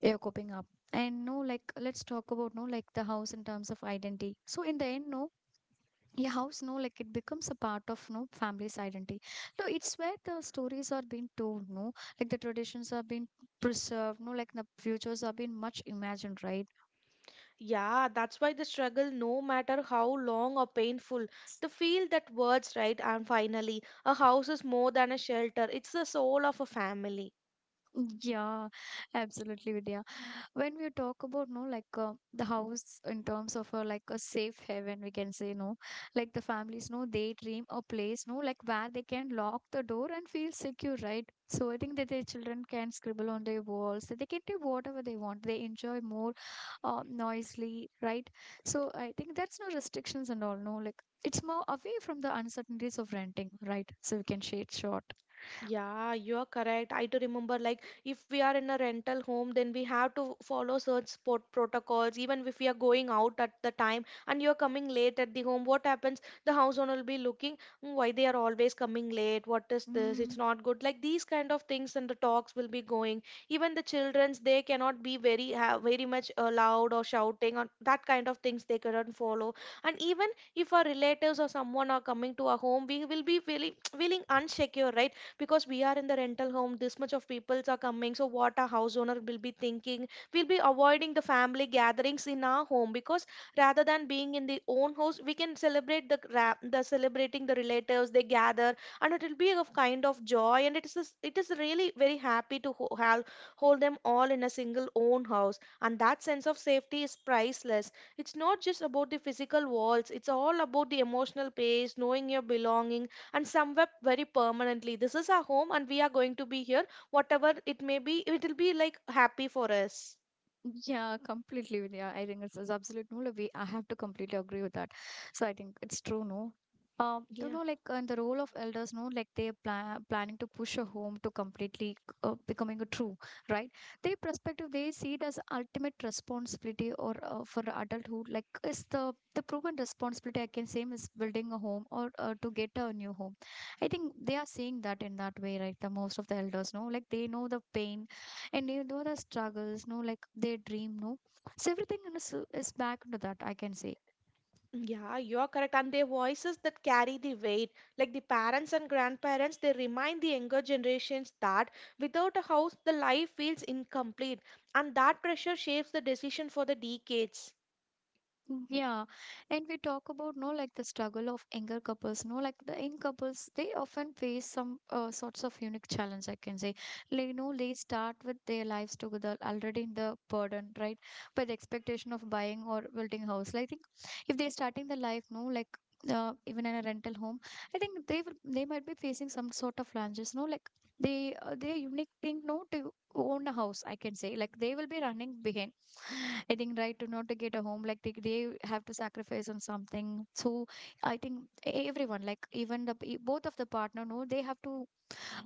they're coping up. And no like let's talk about no like the house in terms of identity. So in the end no, your house no like it becomes a part of no family's identity, no. It's where the stories are being told, no, like the traditions are being preserved, no, like the futures are being much imagined, right?
Yeah, that's why the struggle, no matter how long or painful, the feel that words, right? And finally, a house is more than a shelter, it's the soul of a family.
Mm, yeah, absolutely, Vidya. When we talk about no like uh, the house in terms of uh, like a safe haven, we can say, no, like the families no they dream a place, no, like where they can lock the door and feel secure, right? So I think that their children can scribble on their walls, that they can do whatever they want, they enjoy more uh, noisily, right? So I think that's no restrictions and all, no, like it's more away from the uncertainties of renting, right? So we can shade short.
Yeah, you are correct. I do remember, like, if we are in a rental home, then we have to follow certain sport protocols. Even if we are going out at the time and you're coming late at the home, what happens? The house owner will be looking, "Mm, why they are always coming late? What is this? It's
mm.
not good." Like, these kind of things and the talks will be going. Even the children's, they cannot be very, ha very much uh, loud or shouting, or that kind of things they cannot follow. And even if our relatives or someone are coming to our home, we will be feeling, <tsk> feeling unsecure, right? Because we are in the rental home, this much of peoples are coming, so what a house owner will be thinking. We'll be avoiding the family gatherings in our home, because rather than being in the own house, we can celebrate the ra- the celebrating the relatives, they gather, and it will be a kind of joy. And it is, it is really very happy to ho- have hold them all in a single own house. And that sense of safety is priceless. It's not just about the physical walls, it's all about the emotional pace, knowing your belongings, and somewhere very permanently. This is our home, and we are going to be here, whatever it may be, it'll be like happy for us.
Yeah, completely. with- Yeah, I think it's, it's absolute no. Like, we, I have to completely agree with that. So I think it's true, no. Um, you
Yeah,
know, like and the role of elders, no, like they are pla- planning to push a home to completely uh, becoming a true, right? Their perspective, they see it as ultimate responsibility or uh, for adulthood, like is the the proven responsibility, I can say, is building a home or uh, to get a new home. I think they are seeing that in that way, right? The most of the elders, no, like they know the pain and you know the struggles, no, like their dream, no, so everything in is, is back to that, I can say.
yeah, you're correct. And their voices that carry the weight, like the parents and grandparents, they remind the younger generations that without a house, the life feels incomplete, and that pressure shapes the decision for the decades.
Yeah, and we talk about no like the struggle of younger couples. No, like the young couples, they often face some uh, sorts of unique challenge, I can say, like, you know, they start with their lives together already in the burden, right? By the expectation of buying or building house. Like, I think if they're starting the life, no, like. Uh, even in a rental home, I think they will, they might be facing some sort of challenges. No, like they uh, they unique thing no to own a house. I can say like they will be running behind, I think, right, to not to get a home, like they, they have to sacrifice on something. So I think everyone, like even the p- both of the partner, no, they have to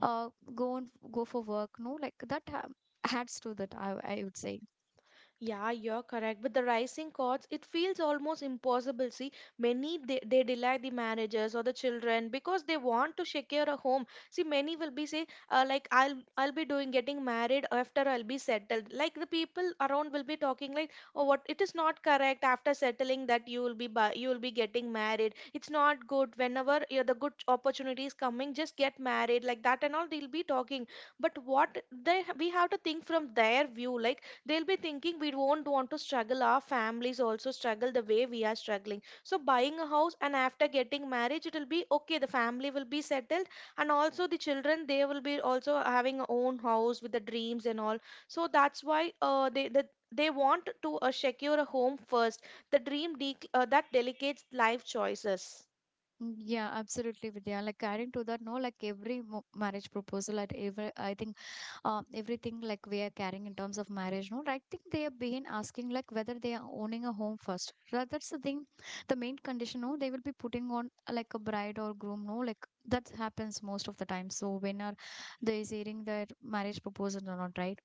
uh go and go for work, no, like that ha- adds to that, I I would say.
Yeah, you're correct. With the rising costs, it feels almost impossible. See, many they, they delay the marriages or the children because they want to secure a home. See, many will be say, uh, like, I'll I'll be doing getting married after I'll be settled. Like the people around will be talking like, "Oh, what, it is not correct after settling that you will be bu- you will be getting married. It's not good. Whenever you the good opportunity is coming, just get married," like that and all, they'll be talking. But what they we have to think from their view, like, they'll be thinking we won't want to struggle, our families also struggle the way we are struggling. So buying a house and after getting marriage, it will be okay, the family will be settled, and also the children, they will be also having a own house with the dreams and all. So that's why, uh, they the, they want to uh, secure a home first. The dream de- uh, that delegates life choices.
Mm, yeah, absolutely, Vidya. Like adding to that, no, like every mo- marriage proposal at every, I think, uh, everything like we are carrying in terms of marriage, no, I think they have been asking like whether they are owning a home first. Tha- That's the thing, the main condition, no, they will be putting on uh, like a bride or groom, no, like that happens most of the time. So when are they is hearing their marriage proposal or not, right?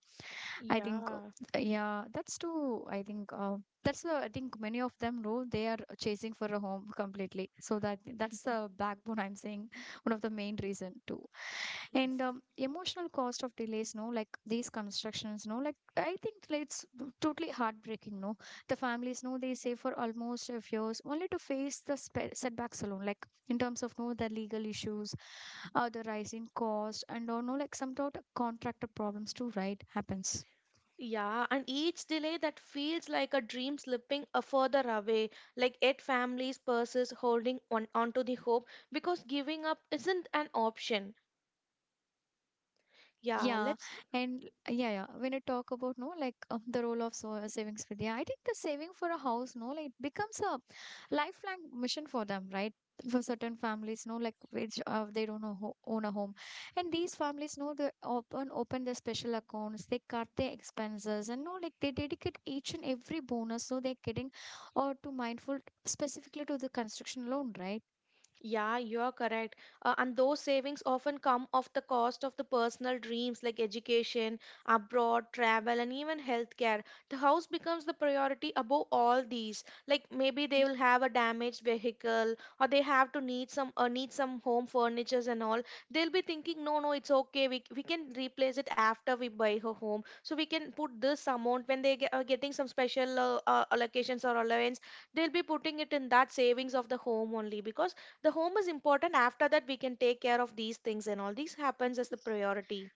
I think, uh,
Yeah.
yeah, that's too, I think, uh, that's the, I think, many of them know they are chasing for a home completely. So that that's the backbone I'm saying, <laughs> one of the main reason too. And
Yes.
um, emotional cost of delays, no, like these constructions, no, like I think it's totally heartbreaking, no. The families know they save for almost a few years only to face the spe- setbacks alone, like in terms of no the legal issues, uh, the rising cost, and or no like some sort of contractor problems too, right? Happens.
Yeah, and each delay that feels like a dream slipping a further away, like eight families' purses holding on onto the hope because giving up isn't an option. Yeah,
Yeah,
let's.
and yeah, yeah. When I talk about, no, like um, the role of so uh, savings for, yeah, I think the saving for a house, no, like it becomes a lifelong mission for them, right? For certain families, no, like which uh, they don't know, ho own a home, and these families know they open open their special accounts, they cut their expenses, and no, like they dedicate each and every bonus so they're getting or to mindful specifically to the construction loan, right?
Yeah, you're correct. Uh, and those savings often come off the cost of the personal dreams, like education, abroad, travel, and even healthcare. The house becomes the priority above all these. Like maybe they will have a damaged vehicle, or they have to need some, uh, need some home furnitures and all. They'll be thinking, no, no, it's okay, We we can replace it after we buy a home. So we can put this amount when they get, are getting some special, uh, uh, allocations or allowance. They'll be putting it in that savings of the home only, because the home is important. After that, we can take care of these things and all. These happens as the priority.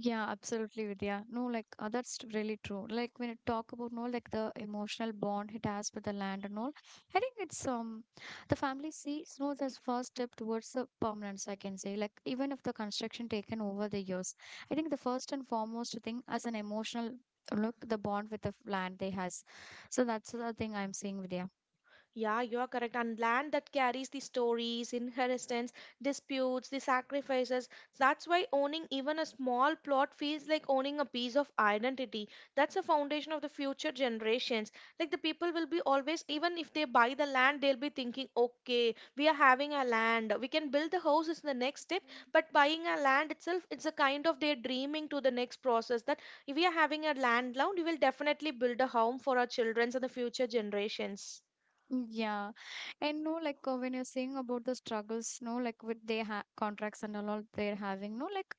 Yeah, absolutely, Vidya. No, like uh, that's really true. Like when you talk about no, like the emotional bond it has with the land and all, I think it's um the family sees no as first step towards the permanence. I can say like even if the construction taken over the years, I think the first and foremost thing as an emotional uh, look the bond with the f- land they has. So that's the thing I'm seeing, Vidya.
Yeah, you are correct. And land that carries the stories, inheritance, disputes, the sacrifices. That's why owning even a small plot feels like owning a piece of identity. That's the foundation of the future generations. Like the people will be always, even if they buy the land, they'll be thinking, okay, we are having a land, we can build the house is the next step. But buying a land itself, it's a kind of they're dreaming to the next process that if we are having a land loan, we will definitely build a home for our children's and the future generations.
Mm, yeah, and no, like uh, when you're saying about the struggles, no, like with their ha contracts and all all they're having, no, like.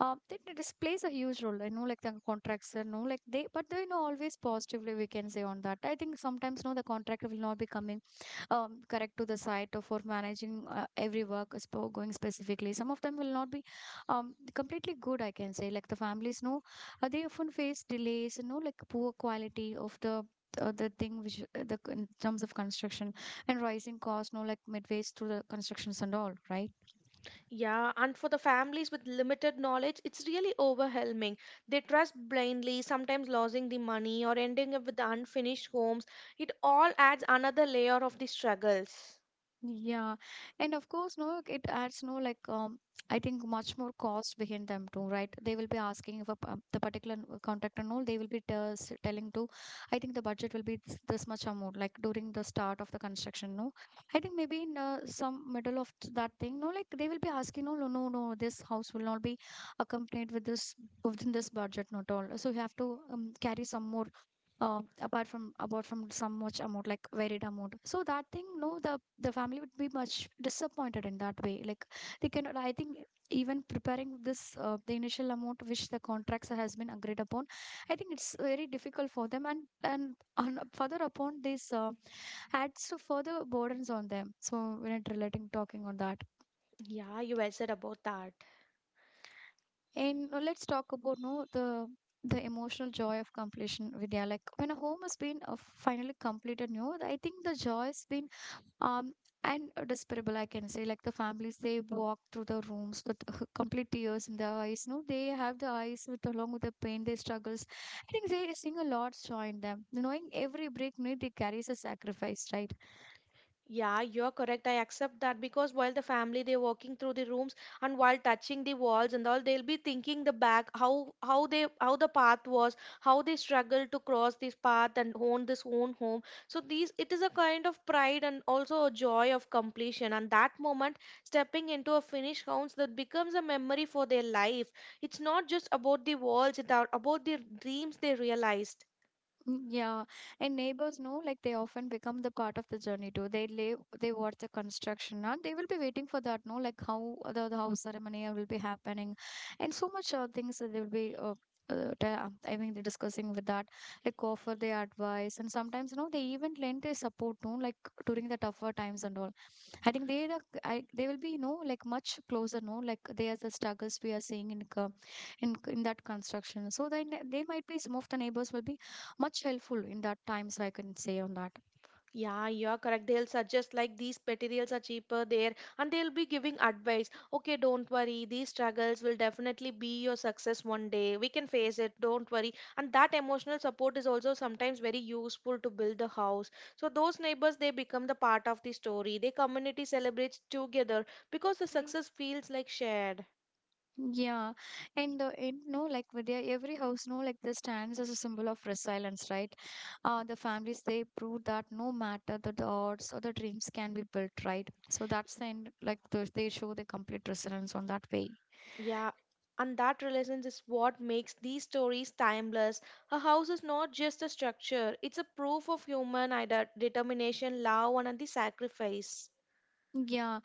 Uh, that it is plays a huge role. I know, like the contracts, you know, like they, but they you know always positively we can say on that. I think sometimes no, the contractor will not be coming um, correct to the site or for managing uh, every work is for going specifically. Some of them will not be um, completely good. I can say like the families no, uh, they often face delays. You know, like poor quality of the. Uh, the thing which uh, the in terms of construction and rising costs, no, like midways through the constructions and all, right?
Yeah, and for the families with limited knowledge, it's really overwhelming. They trust blindly, sometimes losing the money or ending up with unfinished homes. It all adds another layer of the struggles.
Yeah, and of course, no, it adds no like um, I think much more cost behind them too, right? They will be asking if a, p- um, the particular n- contractor no. They will be just telling to, I think the budget will be this, this much amount, like during the start of the construction. No, I think maybe in uh, some middle of th- that thing, no, like they will be asking, no, no, no, no, this house will not be accompanied with this within this budget, not all. So you have to um, carry some more uh, apart from about from some much amount like varied amount, so that thing no the the family would be much disappointed in that way, like they cannot, I think, even preparing this uh, the initial amount which the contracts has been agreed upon, I think it's very difficult for them, and and on, further upon this uh, adds to further burdens on them, so when it relating talking on that.
Yeah, you well said about that.
And uh, let's talk about no the the emotional joy of completion, Vidya, like when a home has been uh, finally completed, no, I think the joy has been um and uh, despicable, I can say. Like the families they walk through the rooms with <laughs> complete tears in their eyes, no, they have the eyes with along with the pain their struggles. I think they sing a lot, join them knowing every break minute they carries a sacrifice, right?
Yeah, you're correct. I accept that, because while the family they're walking through the rooms and while touching the walls and all, they'll be thinking the back, how how they how the path was, how they struggled to cross this path and own this own home. So these, it is a kind of pride and also a joy of completion. And that moment, stepping into a finished house, that becomes a memory for their life. It's not just about the walls, it's about the dreams they realized.
Mm, yeah, and neighbors know like they often become the part of the journey too. They live, they watch the construction, and they will be waiting for that. No, like how the, the house ceremony will be happening, and so much uh, things that they will be. Uh, uh, ta- I mean, they're discussing with that, like offer their advice, and sometimes you know they even lend their support, no, like during the tougher times and all. I think they are, I, they will be, you know, like much closer, no, like they are the struggles we are seeing in co- in in that construction. So then they might be some of the neighbors will be much helpful in that times, I can say on that.
Yeah, you're correct. They'll suggest like these materials are cheaper there, and they'll be giving advice. Okay, don't worry, these struggles will definitely be your success one day. We can face it, don't worry. And that emotional support is also sometimes very useful to build the house. So those neighbors, they become the part of the story. The community celebrates together because the success feels like shared.
Yeah, and uh, and no, like with their every house, no, like this stands as a symbol of resilience, right? Uh, the families they prove that no matter the, the odds or the dreams can be built, right? So that's the end, like the, they show the complete resilience on that way.
Yeah, and that relevance is what makes these stories timeless. A house is not just a structure, it's a proof of human ide- determination, love, and the sacrifice.
Yeah,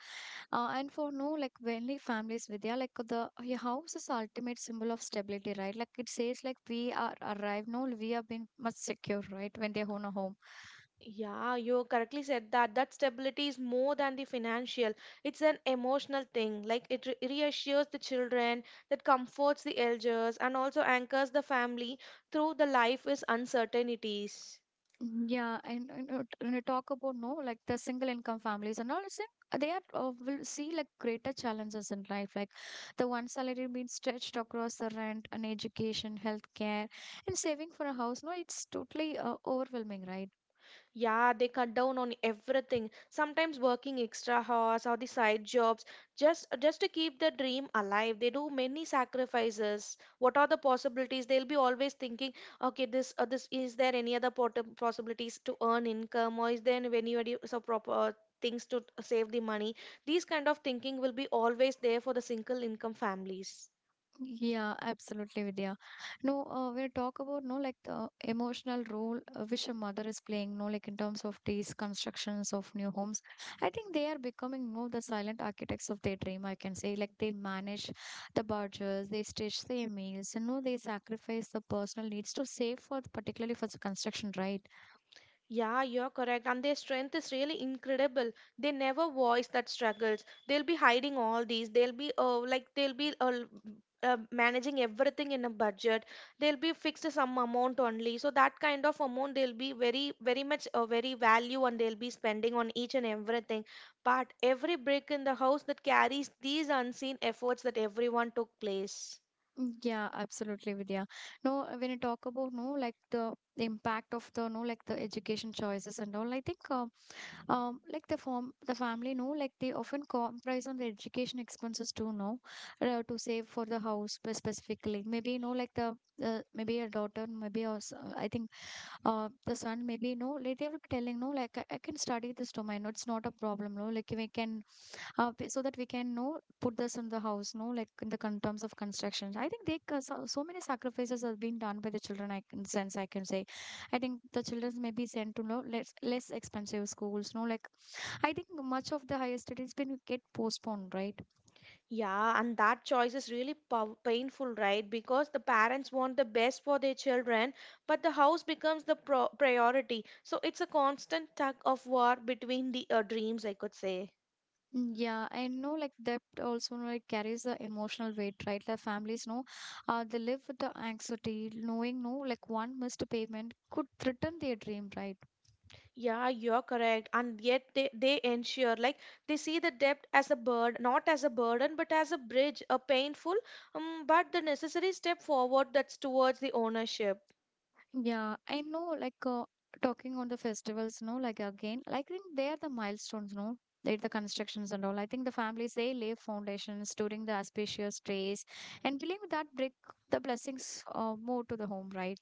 uh, and for no, like only families, Vidya, like the your house is ultimate symbol of stability, right? Like it says, like we are arrived, no, we have been much secure, right? When they own a home.
Yeah, you correctly said that. That stability is more than the financial. It's an emotional thing. Like it re- reassures the children, that comforts the elders, and also anchors the family through the life is uncertainties.
Mm, yeah, and, and uh, when you talk about no, like the single income families and all, see, they are uh, will see like greater challenges in life, like the one salary being stretched across the rent and education, healthcare, and saving for a house. No, it's totally uh, overwhelming, right?
Yeah, they cut down on everything. Sometimes working extra hours or the side jobs just just to keep the dream alive. They do many sacrifices. What are the possibilities? They'll be always thinking, okay, this uh, this is there any other pot- possibilities to earn income, or is there any any other so proper things to save the money? These kind of thinking will be always there for the single income families.
Yeah, absolutely, Vidya. No, uh, we talk about no like the emotional role uh, which a mother is playing. No, like in terms of these constructions of new homes, I think they are becoming no the silent architects of their dream. I can say like they manage the budgets, they stitch their meals, and no, they sacrifice the personal needs to save for particularly for the construction, right?
Yeah, you're correct. And their strength is really incredible. They never voice that struggles. They'll be hiding all these. They'll be uh, like they'll be uh, l- uh, managing everything in a budget. They'll be fixed to some amount only. So that kind of amount, they'll be very very much, uh, very value, and they'll be spending on each and everything. But every brick in the house that carries these unseen efforts that everyone took place.
Mm, yeah, absolutely, Vidya. No, uh, when you talk about no like the impact of the no like the education choices and all, I think. Uh, um like the form the family know like they often compromise on the education expenses too. No, uh, to save for the house spe- specifically, maybe you know like the uh, maybe a daughter, maybe a s- uh, I think uh the son maybe, you know, like they will be telling no like I, I can study this domain, no, it's not a problem, no, like we can uh p- so that we can no put this in the house, no like in the con- terms of construction. I think they ca- so, so many sacrifices have been done by the children, I can sense, I can say. I think the children may be sent to no less less expensive schools, no like I think much of the higher studies can get postponed, right?
Yeah, and that choice is really pow- painful, right? Because the parents want the best for their children, but the house becomes the pro- priority. So it's a constant tug of war between the uh, dreams, I could say.
Mm, yeah, I know like that also like carries the emotional weight, right? The families know uh, they live with the anxiety, knowing no like one missed payment could threaten their dream, right?
Yeah, you're correct. And yet they, they ensure, like, they see the debt as a burden, not as a burden, but as a bridge, a painful, um, but the necessary step forward that's towards the ownership.
Yeah, I know like uh, talking on the festivals, no, like again, I think they are the milestones, no? They're the constructions and all. I think the families they lay foundations during the auspicious days and believe that bring the blessings uh, more to the home, right?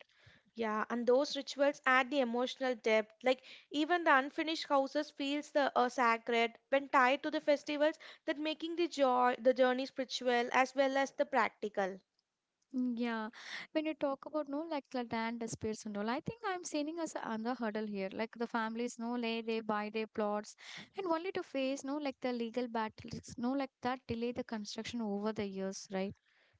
Yeah, and those rituals add the emotional depth. Like even the unfinished houses feels the uh, sacred when tied to the festivals that making the joy the journey spiritual as well as the practical.
Mm, yeah, when you talk about no like the land disputes and all, I think I'm seeing as another hurdle here. Like the families, no, lay they buy their plots, and only to face no like the legal battles, no like that delay the construction over the years, right?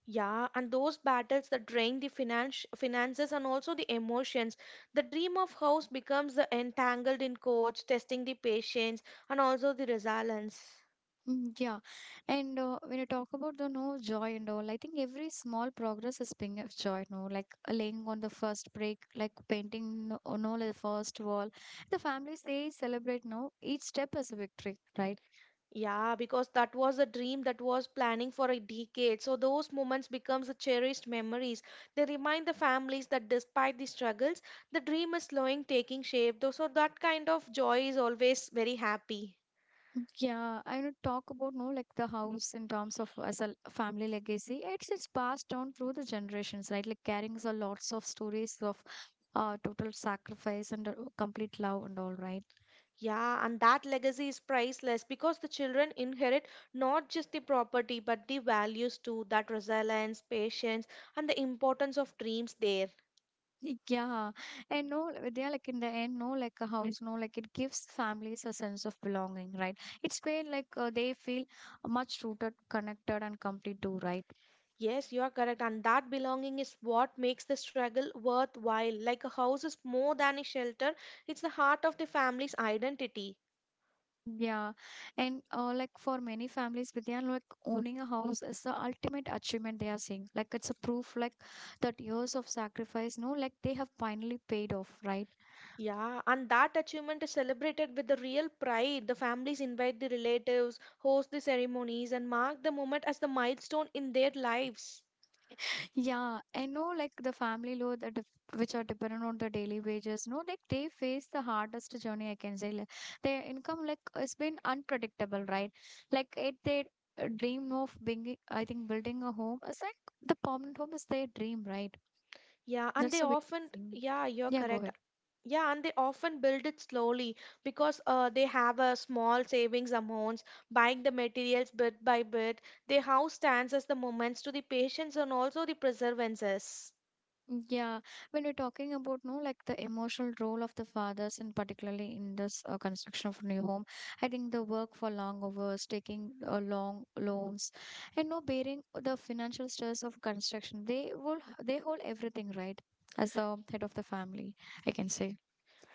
Yeah, and those battles that drain the finance finances and also the emotions. The dream of house becomes the entangled in coach, testing the patience and also the resilience.
Mm, yeah, and uh, when you talk about the no joy and all, I think every small progress is being of joy. No, like uh, laying on the first brick, like painting no, no like the first wall. The families they celebrate no each step as a victory, right?
Yeah, because that was a dream that was planning for a decade. So those moments becomes the cherished memories. They remind the families that despite the struggles, the dream is slowing taking shape. Though so that kind of joy is always very happy.
Yeah, I would talk about no like the house in terms of as a family legacy. It's it's passed down through the generations, right? Like carrying a lots of stories of uh total sacrifice and uh, complete love and all, right?
Yeah, and that legacy is priceless because the children inherit not just the property but the values too, that resilience, patience, and the importance of dreams there.
<laughs> Yeah, and no, they're like in the end, no, like a house, no, like it gives families a sense of belonging, right? It's where like uh, they feel much rooted, connected, and complete too, right?
Yes, you are correct, and that belonging is what makes the struggle worthwhile. Like a house is more than a shelter, it's the heart of the family's identity.
Yeah, and uh, like for many families, Vidyan, like owning a house is the ultimate achievement they are seeing. Like it's a proof, like that years of sacrifice, no, like they have finally paid off, right?
Yeah, and that achievement is celebrated with the real pride. The families invite the relatives, host the ceremonies, and mark the moment as the milestone in their lives.
Yeah, and no, like the family load that def- which are dependent on the daily wages, no, like they face the hardest journey. I can say like, their income like it has been unpredictable, right? Like it, they uh, dream of being, I think, building a home. It's like the permanent home is their dream, right?
Yeah, and they
That's a big
often,
thing.
yeah, you're
Yeah, go
correct.
ahead.
Yeah, and they often build it slowly because uh, they have a small savings amounts, buying the materials bit by bit. Their house stands as the moments to the patients and also the preservances.
Yeah, when we're talking about no, like the emotional role of the fathers, and particularly in this uh, construction of new home, I think the work for long hours, taking uh, long loans, and no bearing the financial stress of construction, they will they hold everything right as the head of the family, I can say.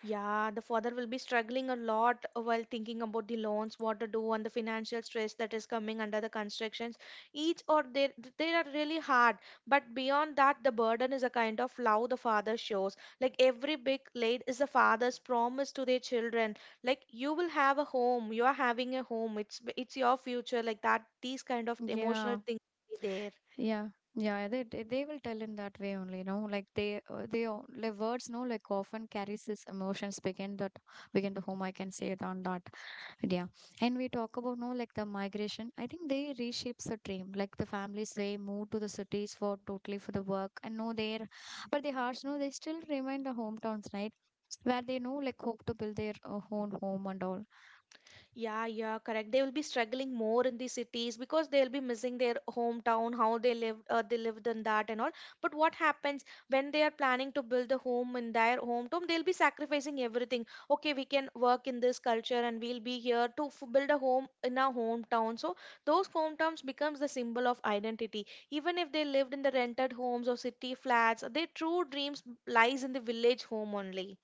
Yeah, the father will be struggling a lot while thinking about the loans, what to do, and the financial stress that is coming under the constructions. Each or they they are really hard, but beyond that, the burden is a kind of love the father shows. Like every big laid is the father's promise to their children. Like you will have a home, you are having a home. It's it's your future. Like that, these kind of emotional
Yeah,
things be there.
yeah. Yeah, they they they will tell in that way only, you know, like they uh, they o- like words, no, like often carries this emotions begin that begin the home. I can say it on that. Yeah. And we talk about no like the migration. I think they reshapes the dream. Like the families they move to the cities for totally for the work and no there. But the hearts no they still remain the hometowns, right? Where they know like hope to build their uh, own home and all.
Yeah, yeah, correct. They will be struggling more in the cities because they'll be missing their hometown, how they lived, uh, they lived in that and all. But what happens when they are planning to build a home in their hometown? They'll be sacrificing everything. Okay, we can work in this culture and we'll be here to f build a home in our hometown. So those hometowns becomes the symbol of identity. Even if they lived in the rented homes or city flats, their true dreams lies in the village home only.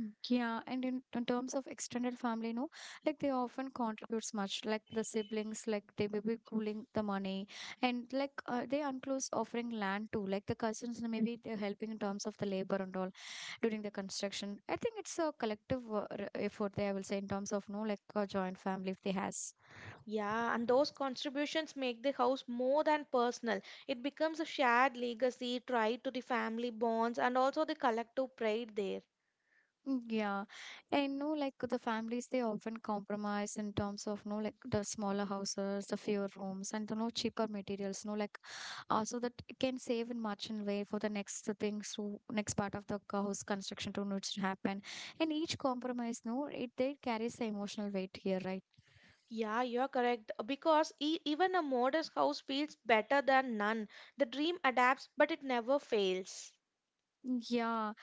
Mm, yeah, and in, in terms of extended family, no, like they often contributes much, like the siblings, like they may be pooling the money, and like uh, they unclose offering land too, like the cousins maybe they're helping in terms of the labor and all during the construction. I think it's a collective uh, r- effort there. I will say in terms of no, like a joint family if they has.
Yeah, and those contributions make the house more than personal. It becomes a shared legacy tied to the family bonds and also the collective pride there.
Mm, yeah, and no, like the families, they often compromise in terms of no, like the smaller houses, the fewer rooms, and the no cheaper materials, no, like uh, so that it can save in much in way for the next things to next part of the c- house construction to know to happen. And each compromise, no, it they carries the emotional weight here, right?
Yeah, you're correct. Because e- even a modest house feels better than none. The dream adapts, but it never fails.
Mm, yeah,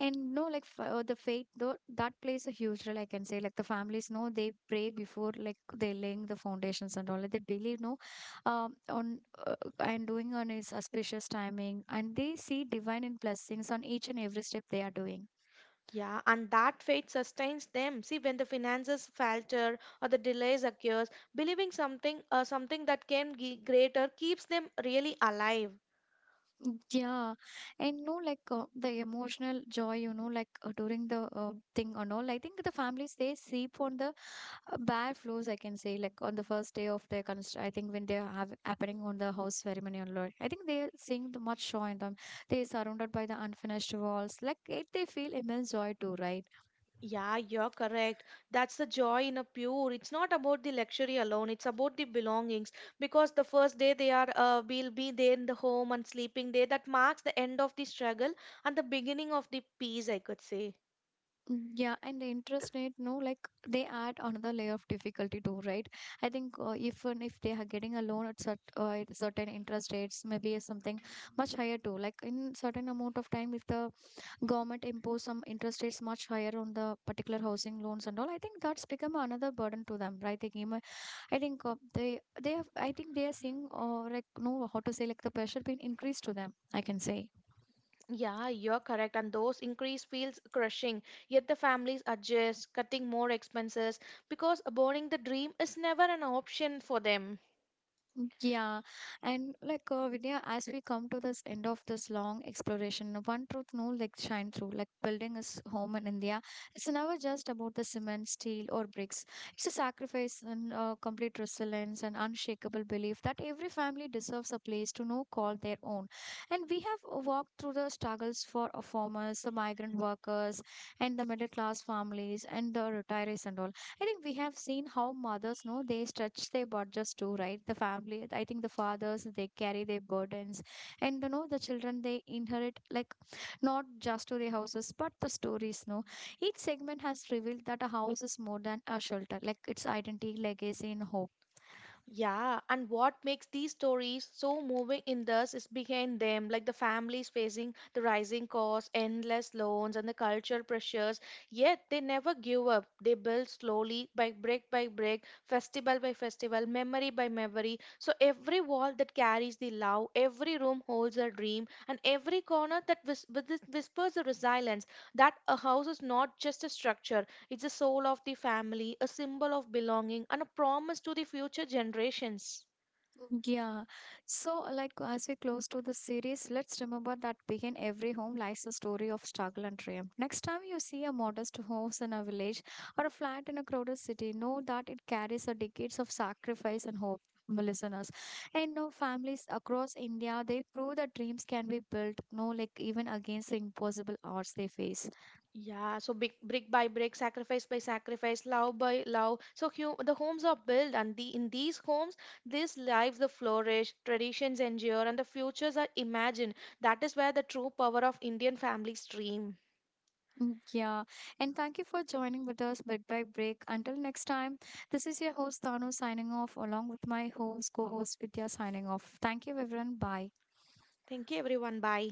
and no like f- uh, the faith though that plays a huge role. I can say like the families know they pray before like they laying the foundations and all like, they believe no um on uh, and doing on his auspicious timing, and they see divine in blessings on each and every step they are doing.
Yeah, and that faith sustains them. See, when the finances falter or the delays occurs, believing something, uh, something that can be greater, keeps them really alive.
Mm, yeah, and no like uh, the emotional joy, you know, like uh, during the uh, thing and all, I think the families they sleep on the uh, bad flows, I can say, like on the first day of their const, I think when they have happening on the house ceremony and lord, I think they sing the much joy in them. They surrounded by the unfinished walls like it, they feel immense joy too, right?
Yeah, you're correct. That's the joy in a pure. It's not about the luxury alone. It's about the belongings because the first day they are uh, will be there in the home and sleeping day that marks the end of the struggle and the beginning of the peace, I could say.
Mm, yeah, and the interest rate no like they add another layer of difficulty too, right? I think uh, if and if they are getting a loan at cert, uh, at certain interest rates, maybe something much higher too like in certain amount of time, if the government impose some interest rates much higher on the particular housing loans and all, I think that's become another burden to them, right? They came, uh, I think uh, they they have, I think they are seeing or like no how to say like the pressure being increased to them, I can say.
Yeah, you're correct. And those increase feels crushing. Yet the families adjust, cutting more expenses because aborting the dream is never an option for them.
Yeah, and like uh, Vidya, as we come to this end of this long exploration, one truth no like shine through. Like building his home in India, it's never just about the cement, steel, or bricks. It's a sacrifice and uh, complete resilience and unshakable belief that every family deserves a place to know call their own. And we have uh, walked through the struggles for uh, farmers, the migrant workers, and the middle class families, and the retirees and all. I think we have seen how mothers know they stretch their borders too, right? The family, I think the fathers they carry their burdens, and you know the children they inherit like not just to their houses but the stories. No, each segment has revealed that a house is more than a shelter, like its identity, legacy, and hope.
Yeah, and what makes these stories so moving in this is behind them, like the families facing the rising costs, endless loans, and the cultural pressures. Yet they never give up. They build slowly, by brick by brick, festival by festival, memory by memory. So every wall that carries the love, every room holds a dream, and every corner that whis- whis- whispers a resilience. That a house is not just a structure; it's the soul of the family, a symbol of belonging, and a promise to the future generations.
Yeah. So, like, as we close to the series, let's remember that behind every home lies a story of struggle and triumph. Next time you see a modest house in a village or a flat in a crowded city, know that it carries a decades of sacrifice and hope. My listeners and now families across India they prove that dreams can be built no like even against the impossible odds they face.
Yeah, so big, brick by brick, sacrifice by sacrifice, love by love. So hu- the homes are built, and the, in these homes, these lives the flourish, traditions endure, and the futures are imagined. That is where the true power of Indian families dream.
Mm, yeah, and thank you for joining with us bit by break. Until next time, this is your host Tanu signing off along with my host, co host Vidya signing off. Thank you, everyone. Bye.
Thank you, everyone. Bye.